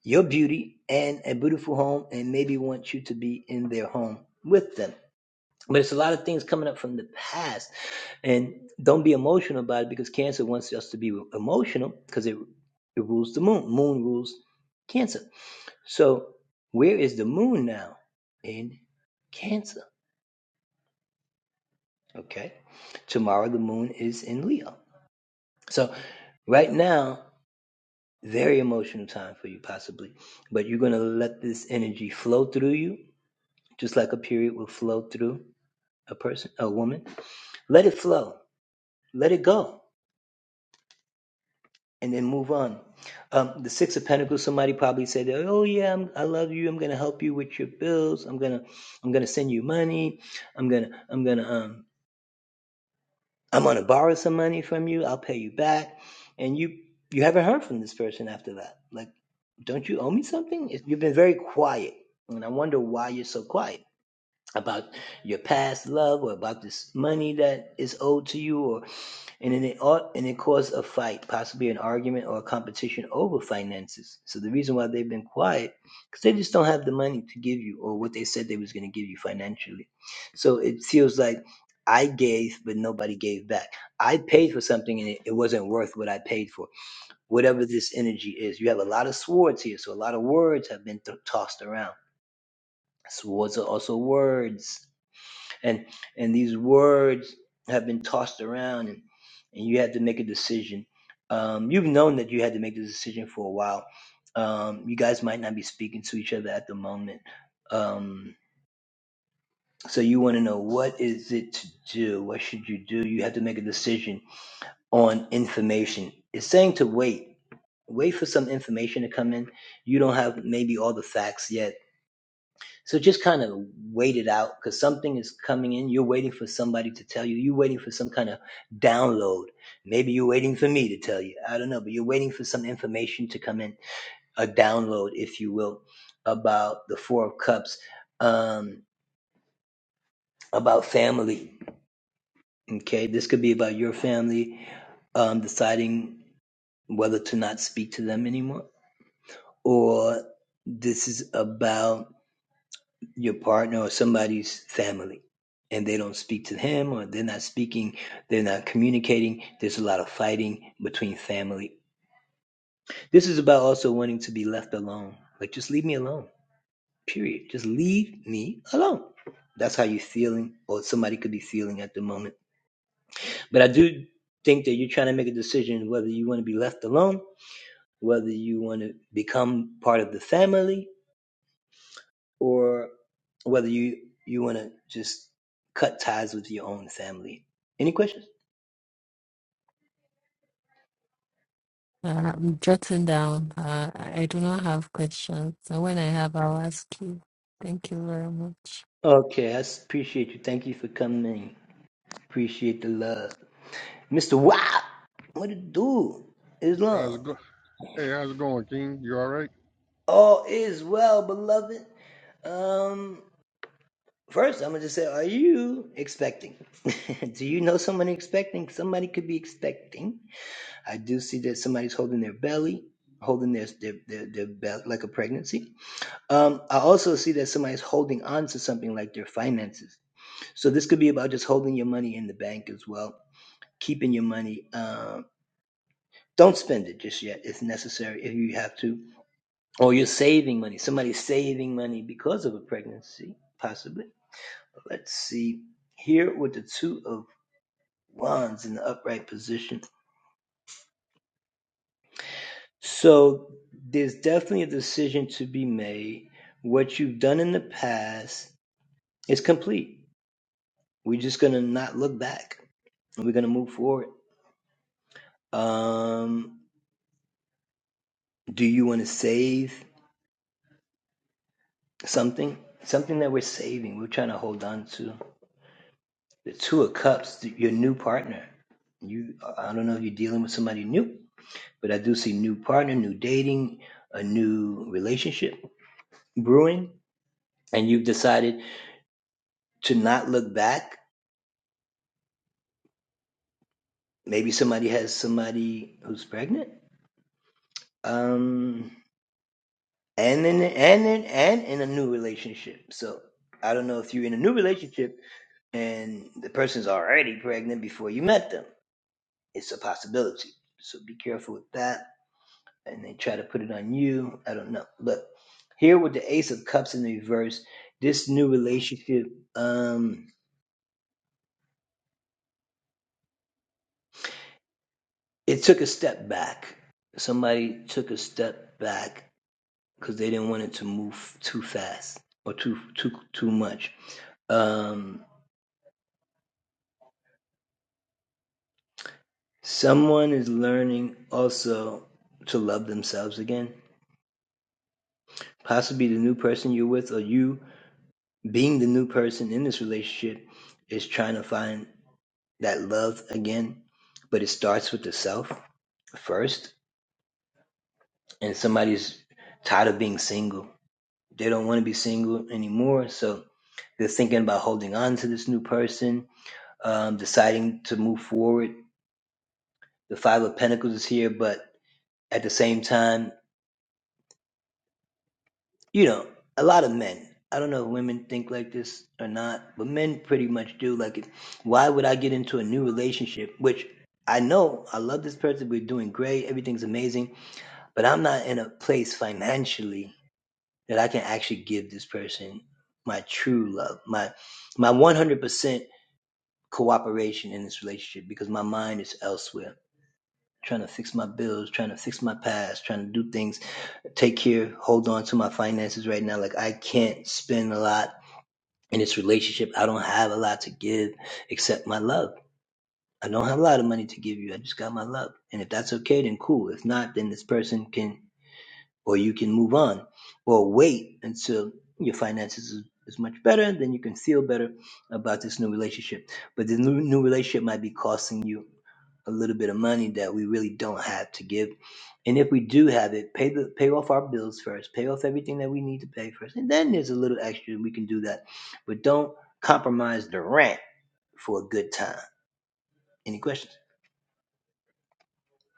A: your beauty and a beautiful home, and maybe want you to be in their home with them. But it's a lot of things coming up from the past, and don't be emotional about it because Cancer wants us to be emotional because it it rules the moon. Moon rules Cancer. So where is the moon now? In Cancer. Okay. Tomorrow the moon is in Leo. So.
C: Uh, I'm jotting down. Uh, I do not have questions. So when I have, I'll ask you. Thank you very much.
D: How's it go? Hey, how's it going, King? You all right?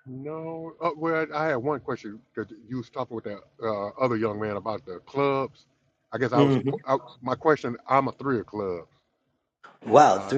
D: No. Uh, well, I had one question because you was talking with that uh, other young man about the clubs. I guess I was qu- I, my question. I'm a three of clubs. And I,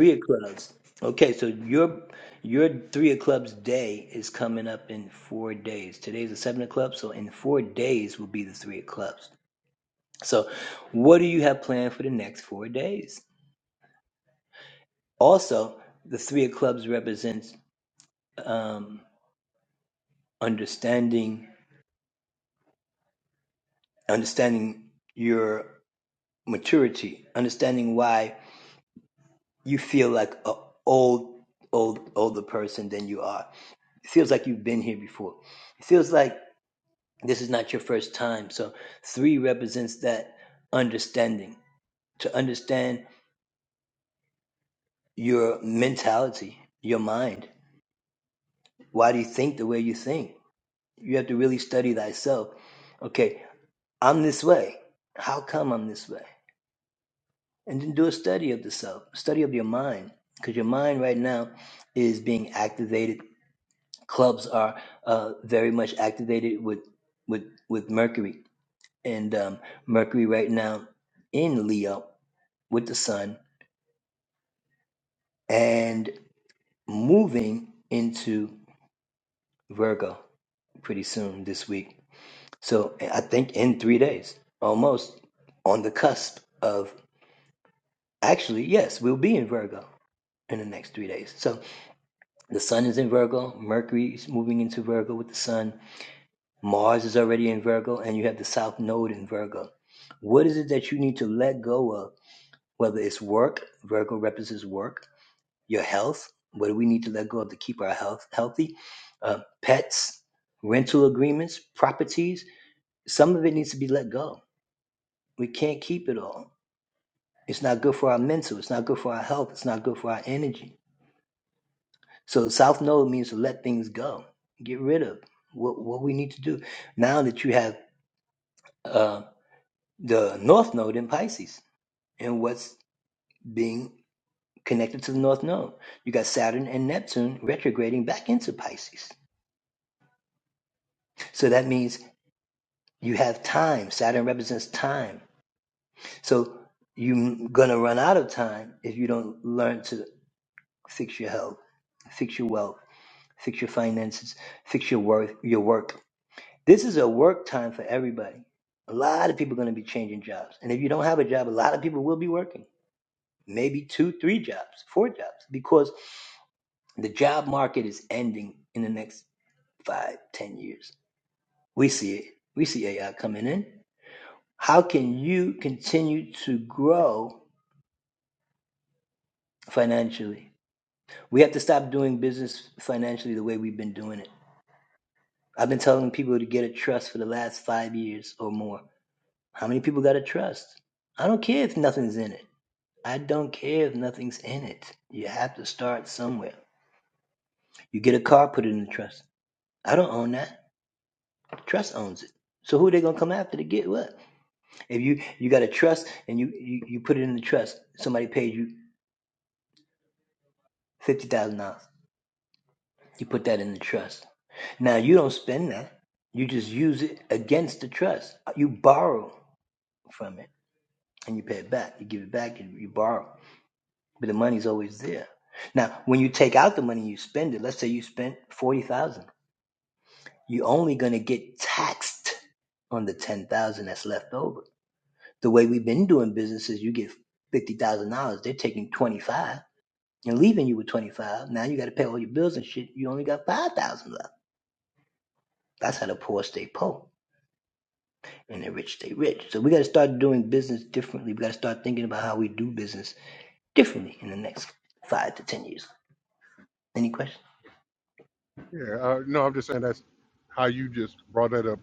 D: yeah. Uh, no, I'm just saying that's how you just brought that up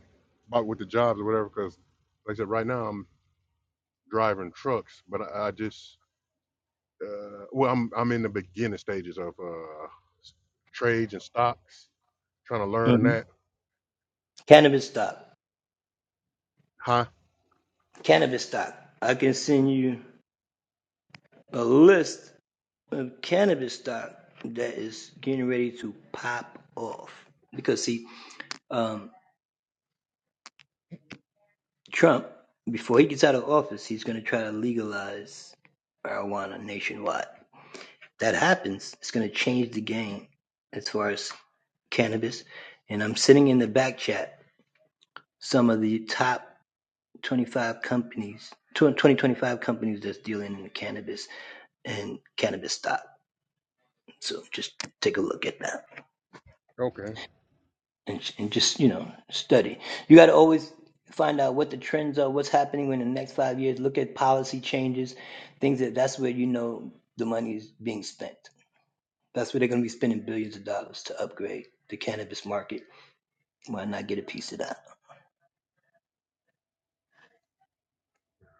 D: about with the jobs or whatever. Because like I said, right now I'm driving trucks, but I, I just uh, well, I'm I'm in the beginning stages of uh, s- trades and stocks, trying to learn that. Huh? Okay.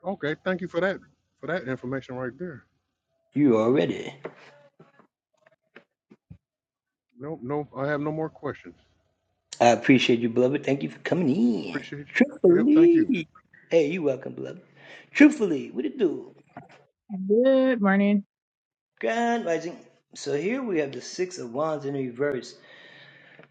D: Okay, thank you for that for that information right there. No, no, I have no more questions. Appreciate you. Yep, thank you.
E: Good morning.
A: Grand Rising. So here we have the Six of Wands in reverse.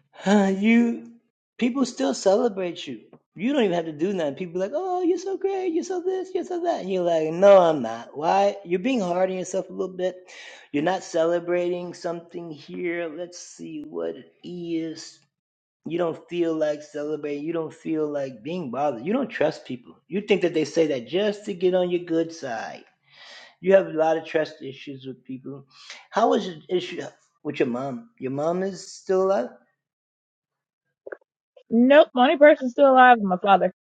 A: you people still celebrate you. You don't even have to do nothing. People like, oh, you're so great, you're so this, you're so that. And you're like, no, I'm not. Why? You're being hard on yourself a little bit. You're not celebrating something here. Let's see what it is. You don't feel like celebrating. You don't feel like being bothered. You don't trust people. You think that they say that just to get on your
E: Nope, the only person still alive is my father.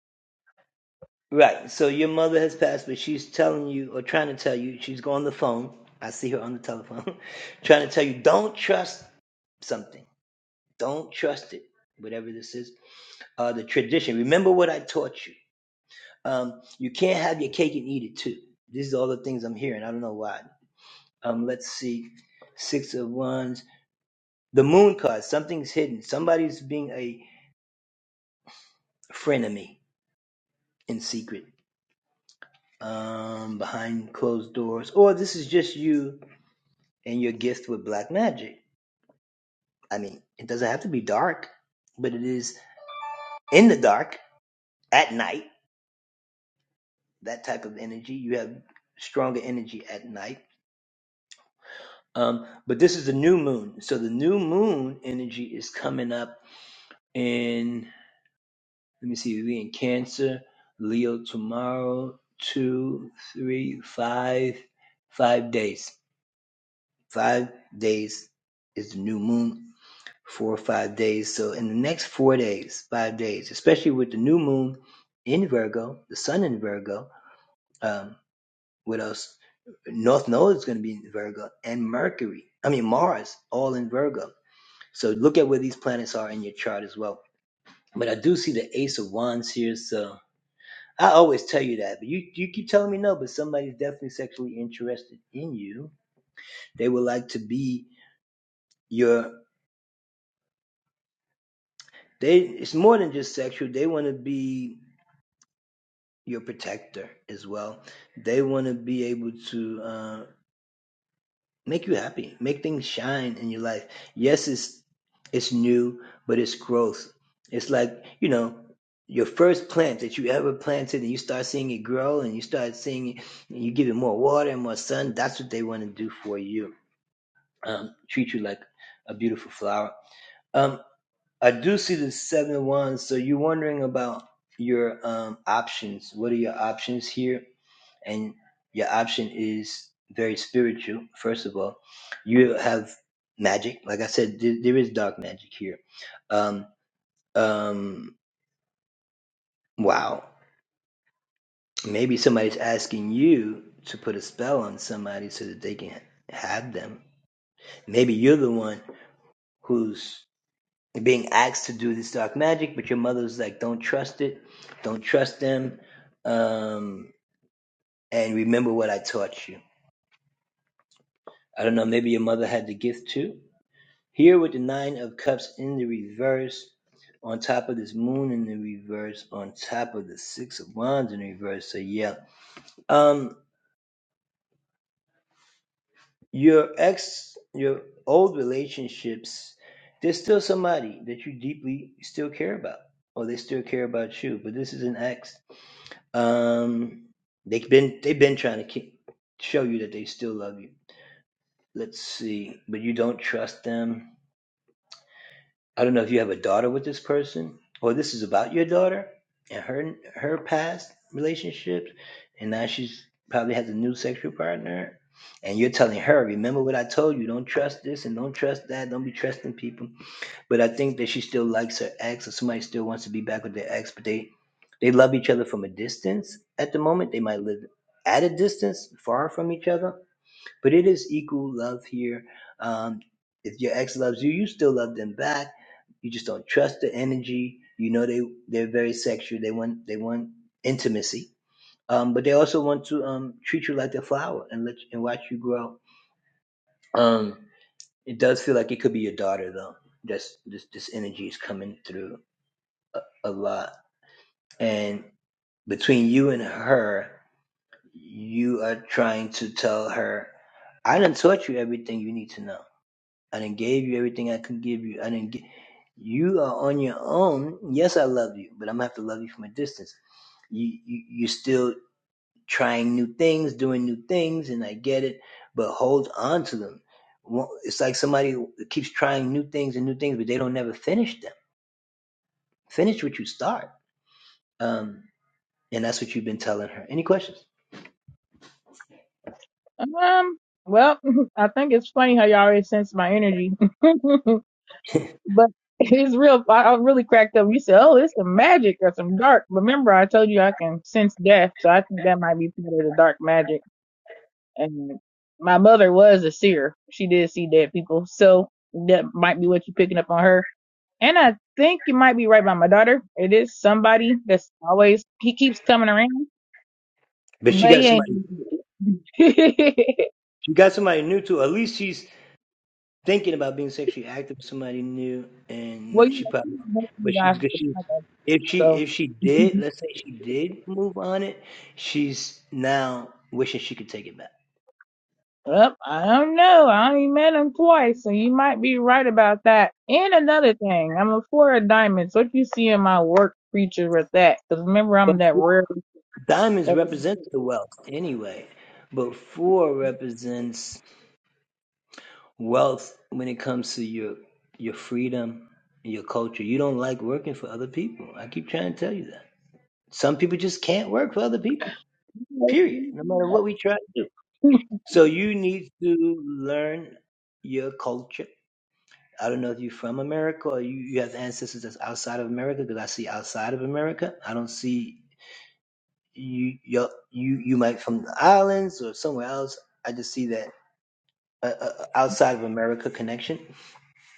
E: Um, well, I think it's funny how y'all always sense my energy. but it's real. I, I really cracked up. You said, oh, it's some magic or some dark. Remember, I told you I can sense death. So I think that might be part of the dark magic. And my mother was a seer. She did see dead people. So that might be what you're picking up on her. And I think you might be right about my daughter. It is somebody that's always, he keeps coming around, but he ain't. well, you know, she didn't make you guys to come So, well, I don't know. I only met him twice, so you might be right about that. And another thing, I'm a four of diamonds. What you see in my work feature with that? Because remember, I'm that rare. That rare-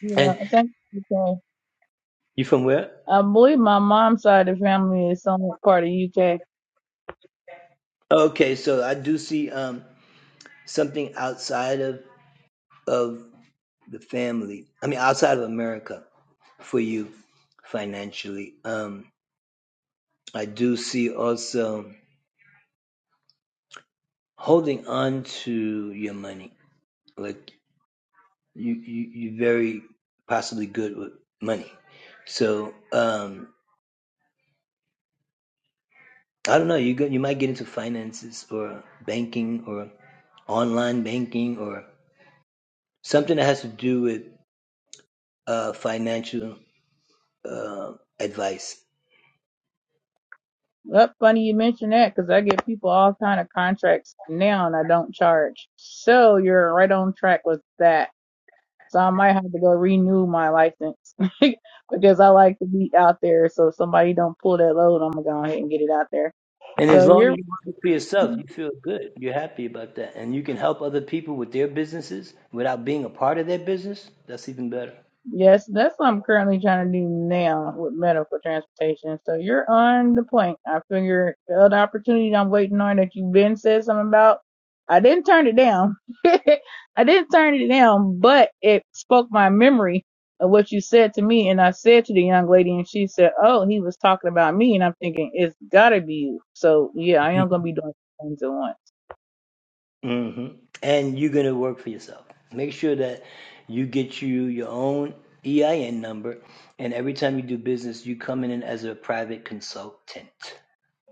E: yeah, I think okay. I believe my mom's side of the family is some part of UK. Well, funny you mention that because I get people all kind of contracts now and I don't charge. So you're right on track with that. So I might have to go renew my license because I like to be out there. So if somebody don't pull that load, I'm gonna go ahead and get it out there. So you're Yes, that's what I'm currently trying to do now with medical transportation. So you're on the point. I figure the other opportunity I'm waiting on that you've been said something about, I didn't turn it down. I didn't turn it down, but it spoke my memory of what you said to me. And I said to the young lady, and she said, Oh, he was talking about me. And I'm thinking, It's gotta be you. So yeah, I am gonna be doing two things at once.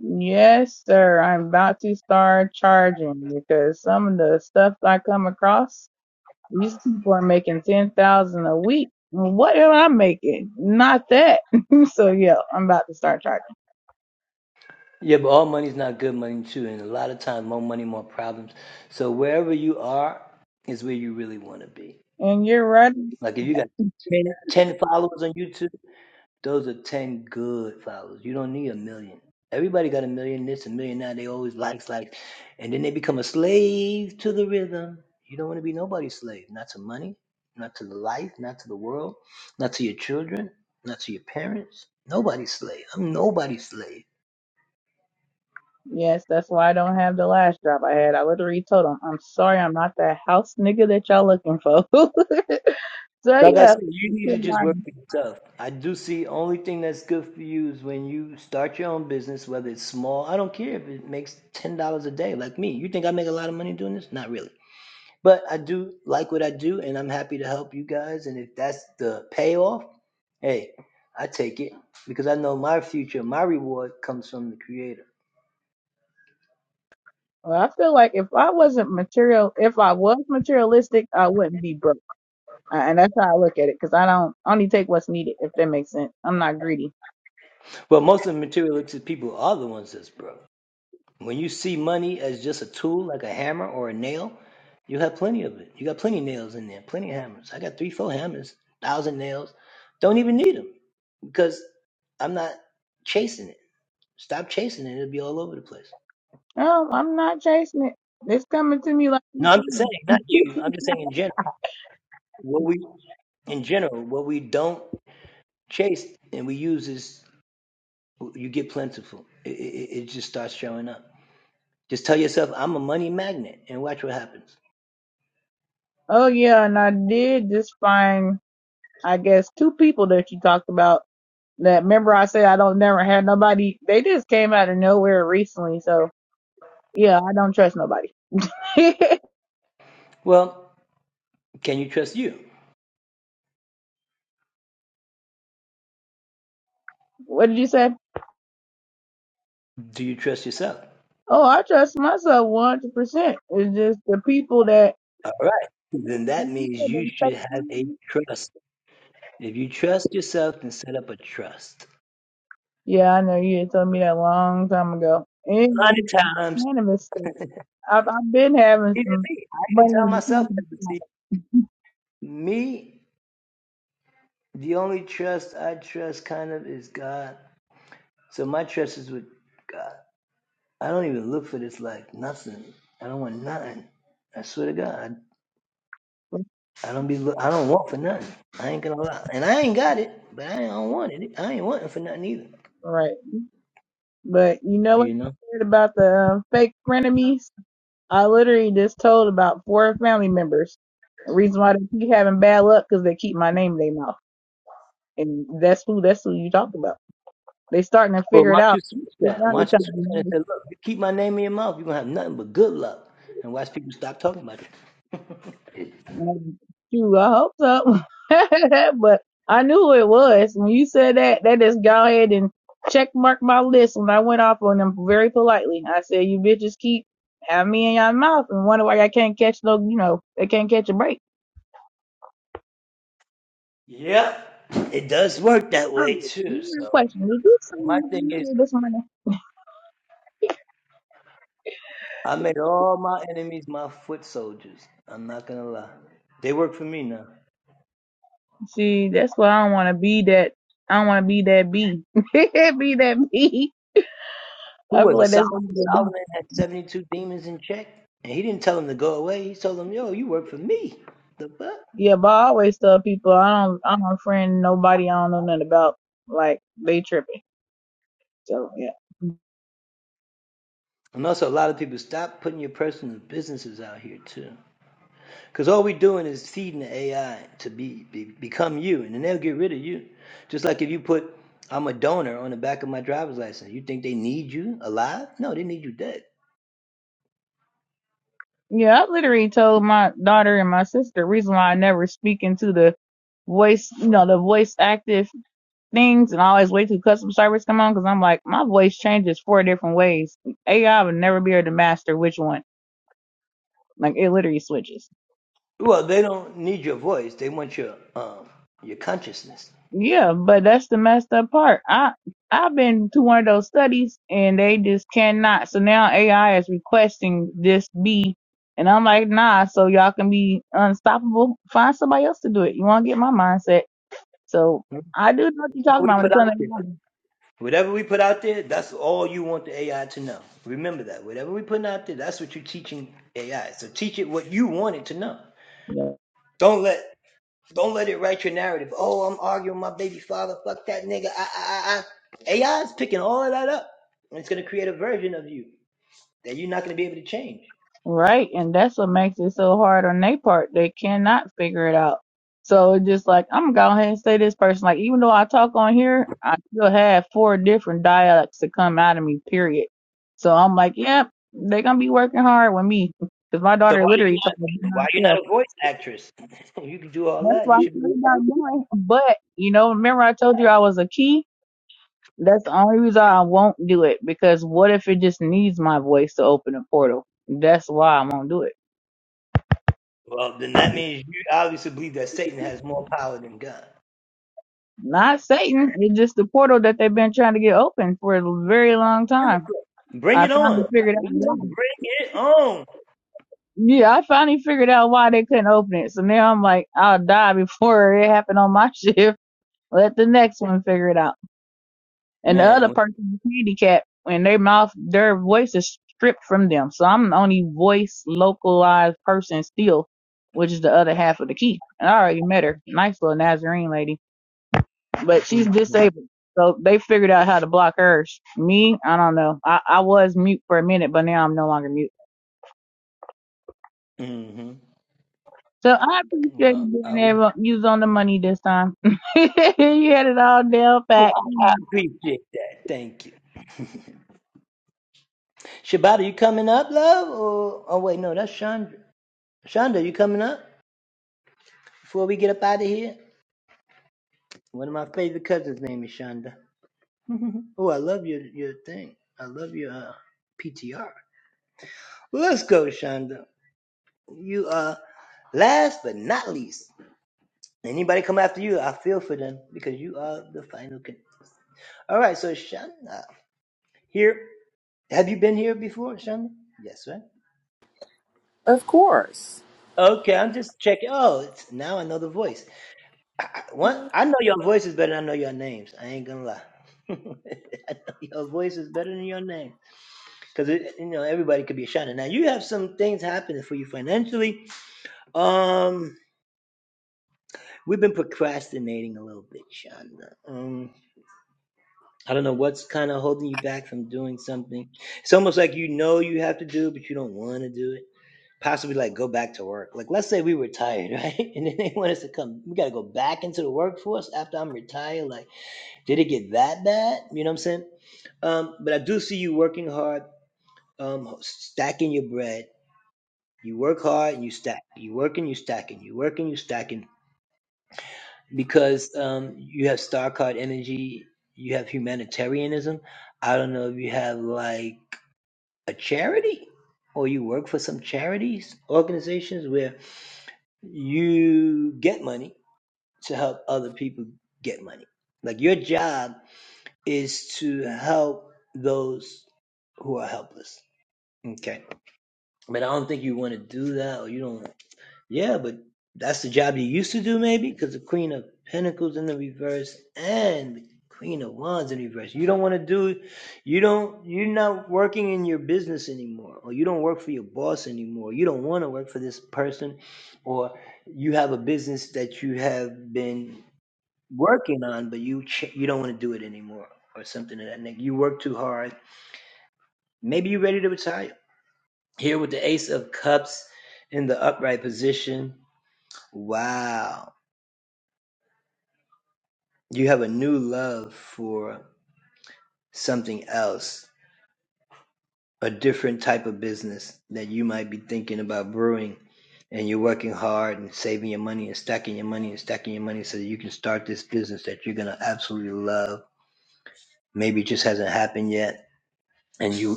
E: Yes, sir. I'm about to start charging because some of the stuff I come across These people are making ten thousand a week. What am I making? Not that. so yeah, I'm about to start charging. And you're right. Yes, that's why I don't have the last job I had. I literally told them, I'm sorry, I'm not that house nigga that y'all looking for. so yeah. Well, I feel like if I wasn't material, if I was materialistic, I wouldn't be broke. Uh, And that's how I look at it, because I don't I only take what's needed, if that makes sense. I'm not greedy.
A: good. People are the ones that's broke. When you see money as just a tool, like a hammer or a nail, you have plenty of it. You got plenty of nails in there, plenty of hammers. I got three, four hammers, thousand nails. Don't even need them because I'm not chasing it. Stop chasing it; it'll be all over the place.
E: No, I'm not chasing it. It's coming to me like you
A: No, I'm just saying,
E: said.
A: not you. I'm just saying in general. What we in general, what we don't chase and we use is you
E: Oh yeah, and I did just find, I guess, two people that you talked about. That remember I said I don't never had nobody. They just came out of nowhere recently. So yeah, I don't trust nobody. what did you say? Oh, I trust myself 100%. It's just the people that. Yeah, I know you had told me that a long time ago. And cannabis stuff. I've I've been having some money in the kingdom. Right. But you know what you said about the uh, fake frenemies? I literally just told about four family members. The reason why they keep having bad luck because they keep my name in their mouth. And that's who that's who you talked about. They starting to figure it out. So now they talking. And Shoot, I hope so. but I knew who it was. When you said that, that just go ahead and check mark my list when I went off on them very politely. I said, You bitches keep having me in your mouth and wonder why I can't catch no you know, they can't catch a break. Her Question. Did you say anything this morning? See, that's why I don't wanna be that I don't wanna be that bee. be that bee. I feel like that's Yeah, but I always tell people I don't I don't friend nobody I don't know nothing about. Like they tripping. So yeah. Yeah, I literally told my daughter and my sister the reason why I never speak into the voice, you know, the voice active things, and I always wait till customer service come on because I'm like, my voice changes four different ways. AI would never be able to master which one. Like it literally switches. Yeah, but that's the messed up part. I I've been to one of those studies and they just cannot. So now AI is requesting this be, and I'm like, nah. So y'all can be unstoppable. Find somebody else to do it. You want to get my mindset? So I do know what you're talking about when it comes
A: put out there. No,
E: to AI. Right, and that's what makes it so hard on their part. They cannot figure it out. So it's just like I'm gonna go ahead and say this person. Like even though I talk on here, I still have four different dialects that come out of me. Period. So I'm like, yep, they're gonna be working hard with me because my daughter literally told me to herself. That's why I'm not doing. But you know, remember I told you I was a key. That's the only reason I won't do it because what if it just needs my voice to open a portal? That's why I won't do it. Not Satan. It's just the portal that they've been trying to get open for a very long time. I finally figured out why. Yeah, I finally figured out why they couldn't open it. So now I'm like, I'll die before it happened on my shift. Let the next one figure it out. And the other person is handicapped and their mouth, their voice is stripped from them. So I'm the only voice localized person still, which is the other half of the key. And I already met her. Nice little Nazarene lady. but she's disabled. So they figured out how to block hers. Me, I don't know. I, I was mute for a minute, but now I'm no longer mute. So I appreciate you being able to use on the money this time. you had it all down pat.
A: oh, Chandra, Chandra, out of here. One of my favorite cousins' name is Chandra. Oh, I love your your thing. I love your. uh, PT. Let's go, Shonda. You are last but not least. Anybody come after you, I feel for them because you are the final con. All right, so Shonda, here. Have you been here before, Shonda? Yes, right?
F: Of course.
A: Okay, I'm just checking. Oh, it's, now I know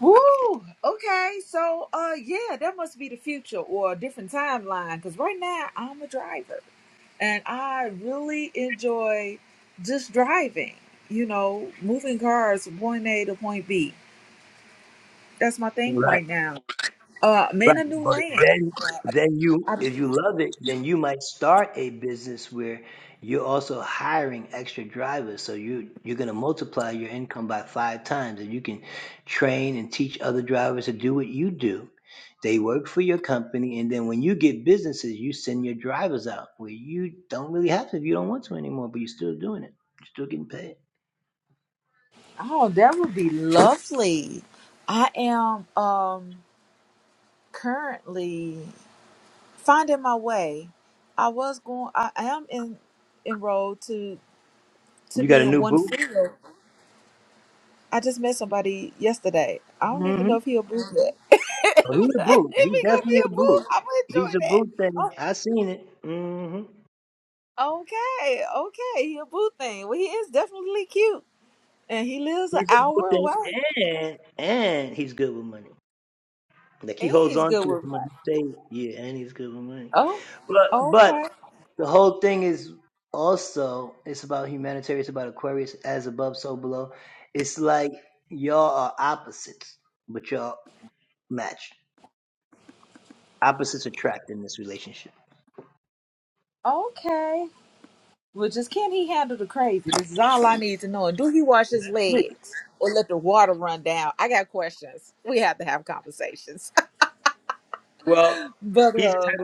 F: Woo! Okay, so uh, yeah, that must be the future or a different timeline. Because right now I'm a driver, and I really enjoy just driving. You know, moving cars from point A to point B. That's my thing right now. Uh, I'm in a new land. I, oh, that would be lovely. I am um currently finding my way. I was going. I am in enrolled to to be in one field. I just met somebody yesterday. I don't even know if he'll boo that. if he gonna be a boo, I'm gonna enjoy that. Oh, okay, okay, he a boo thing. Well, he is definitely cute, and he lives an hour away, and he's good with money. Oh, okay,
A: it's uh,
F: okay. Well, just can he handle the crazy? This is all I need to know. And do he wash his legs or let the water run down? I got questions. We have to have conversations. But um.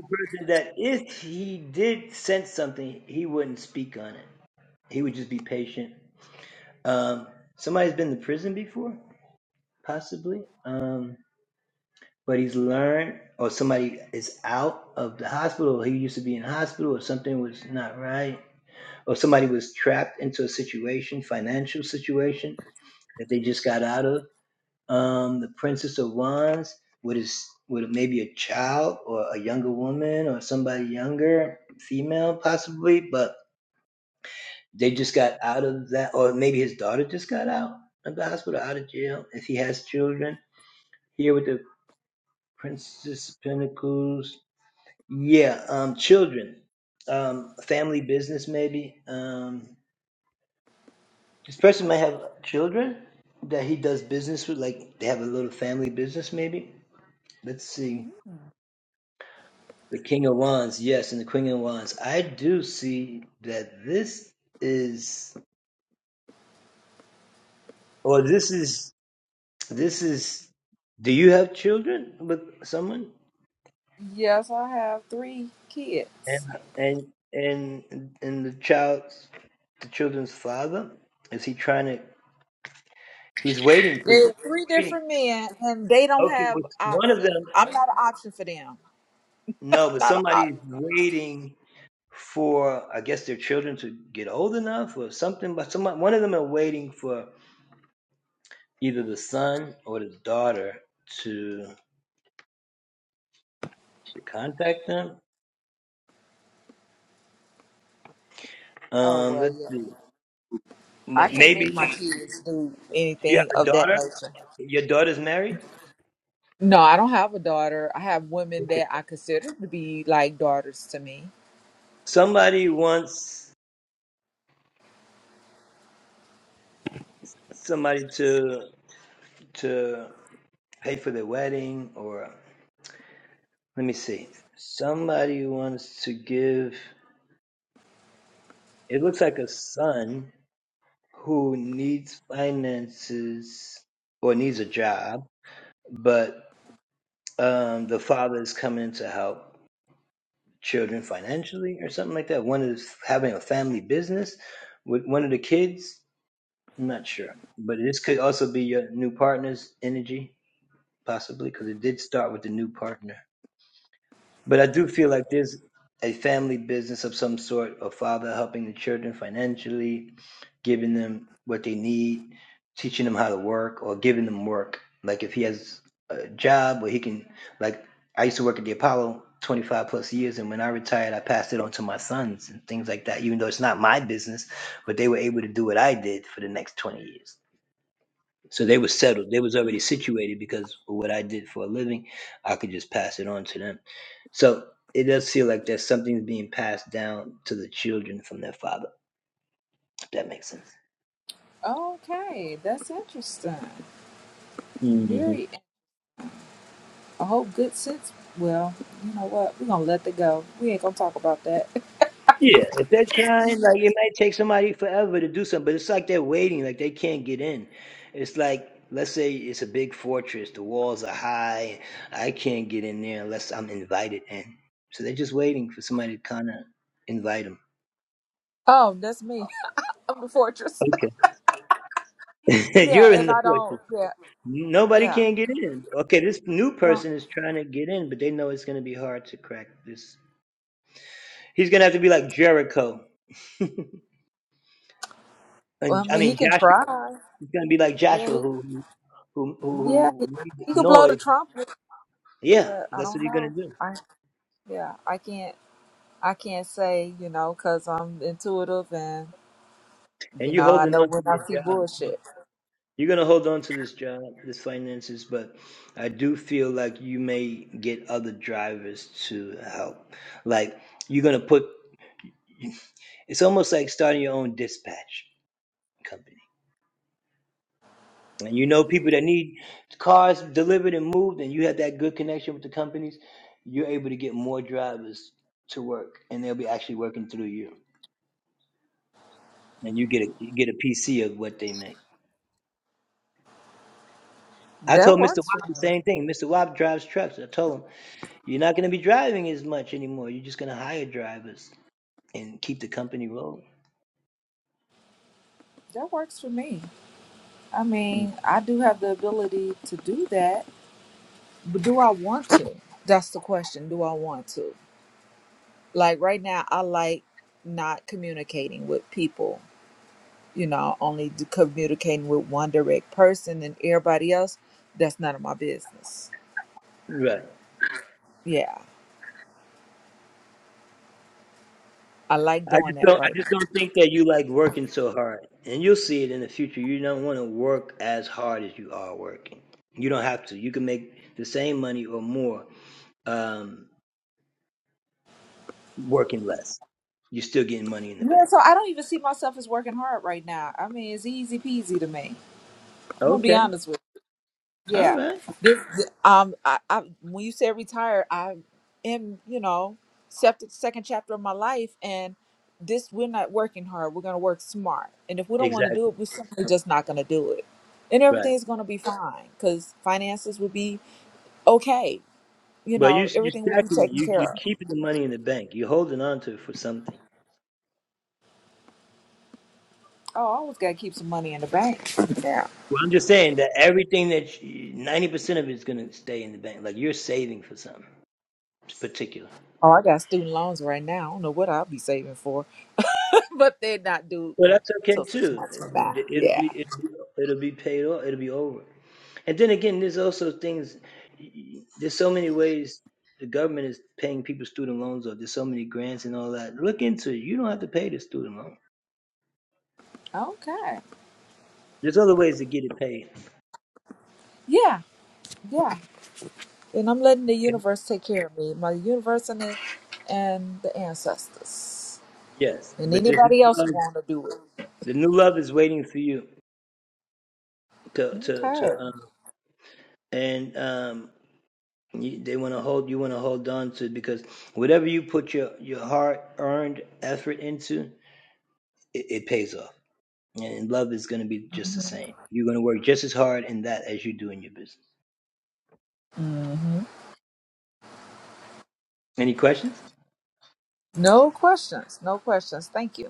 F: Yes, I have three kids. They're three
A: waiting.
F: different men, and they don't have options. I'm not an option for them. I'm not an option. Oh well, yeah. I can't make my kids do anything of that nature. No, I don't have a daughter. I have women that I consider to be like daughters to me. Okay, that's interesting. Very. I hope good sense. Well, you know what? We're gonna let it go. We ain't gonna talk about that.
A: Connor, invite him.
F: Oh, that's me. I'm the fortress.
A: Okay.
F: Yeah,
A: You're in
F: and
A: the
F: I don't.
A: fortress.
F: Yeah,
A: Nobody
F: Yeah.
A: can get in. Okay, this new
F: Well,
A: person is trying to get in, but they know it's going to be hard to crack this. He's going to have to be like Jericho.
F: I
A: And I
F: mean, he
A: mean
F: can
A: Joshua.
F: try.
A: It's gonna be like
F: Yeah,
A: Joshua
F: he,
A: who who who,
F: yeah,
A: who who
F: he,
A: made
F: he could blow the
A: noise.
F: trumpet,
A: Yeah,
F: but I
A: that's what
F: don't
A: you're gonna.
F: know. I yeah, I can't. I can't say you know because I'm intuitive and
A: And
F: you
A: you're
F: know I
A: holding
F: know
A: on,
F: when I see
A: job.
F: bullshit.
A: You're gonna hold on to this job, this finances. But I do feel like you may get other drivers to help. Like you're gonna put. It's almost like starting your own dispatch company. And you know people that need cars
F: That works for me. That works for me. I mean, I do have the ability to do that, but do I want to? That's the question. Do I want to? Like right now, I like not communicating with people you know, only d- communicating with one direct person and everybody else, that's none of my business. Yeah, I like doing that right now. Yeah, so I don't even see myself as working hard right now. I mean, it's easy peasy to me. I'm gonna be honest with you. Yeah. Um, I, I when you said retired, I am, you know, septic second chapter of my life, and this we're not working hard. We're gonna work smart, and if we don't want to do it, we're simply just not gonna do it, and everything's gonna be fine because finances will be okay you know, everything will be taken care of. Oh, I always got to keep some money in the bank. Yeah. Oh, I got student loans right now. I don't know what I'll be saving for, but they're not due until six months from now. Yeah. Okay. Yeah. Yeah. And I'm letting the universe take care of me, my universe and the, and the ancestors and anybody else who want to do it. Okay. hmm No questions. No questions. Thank you.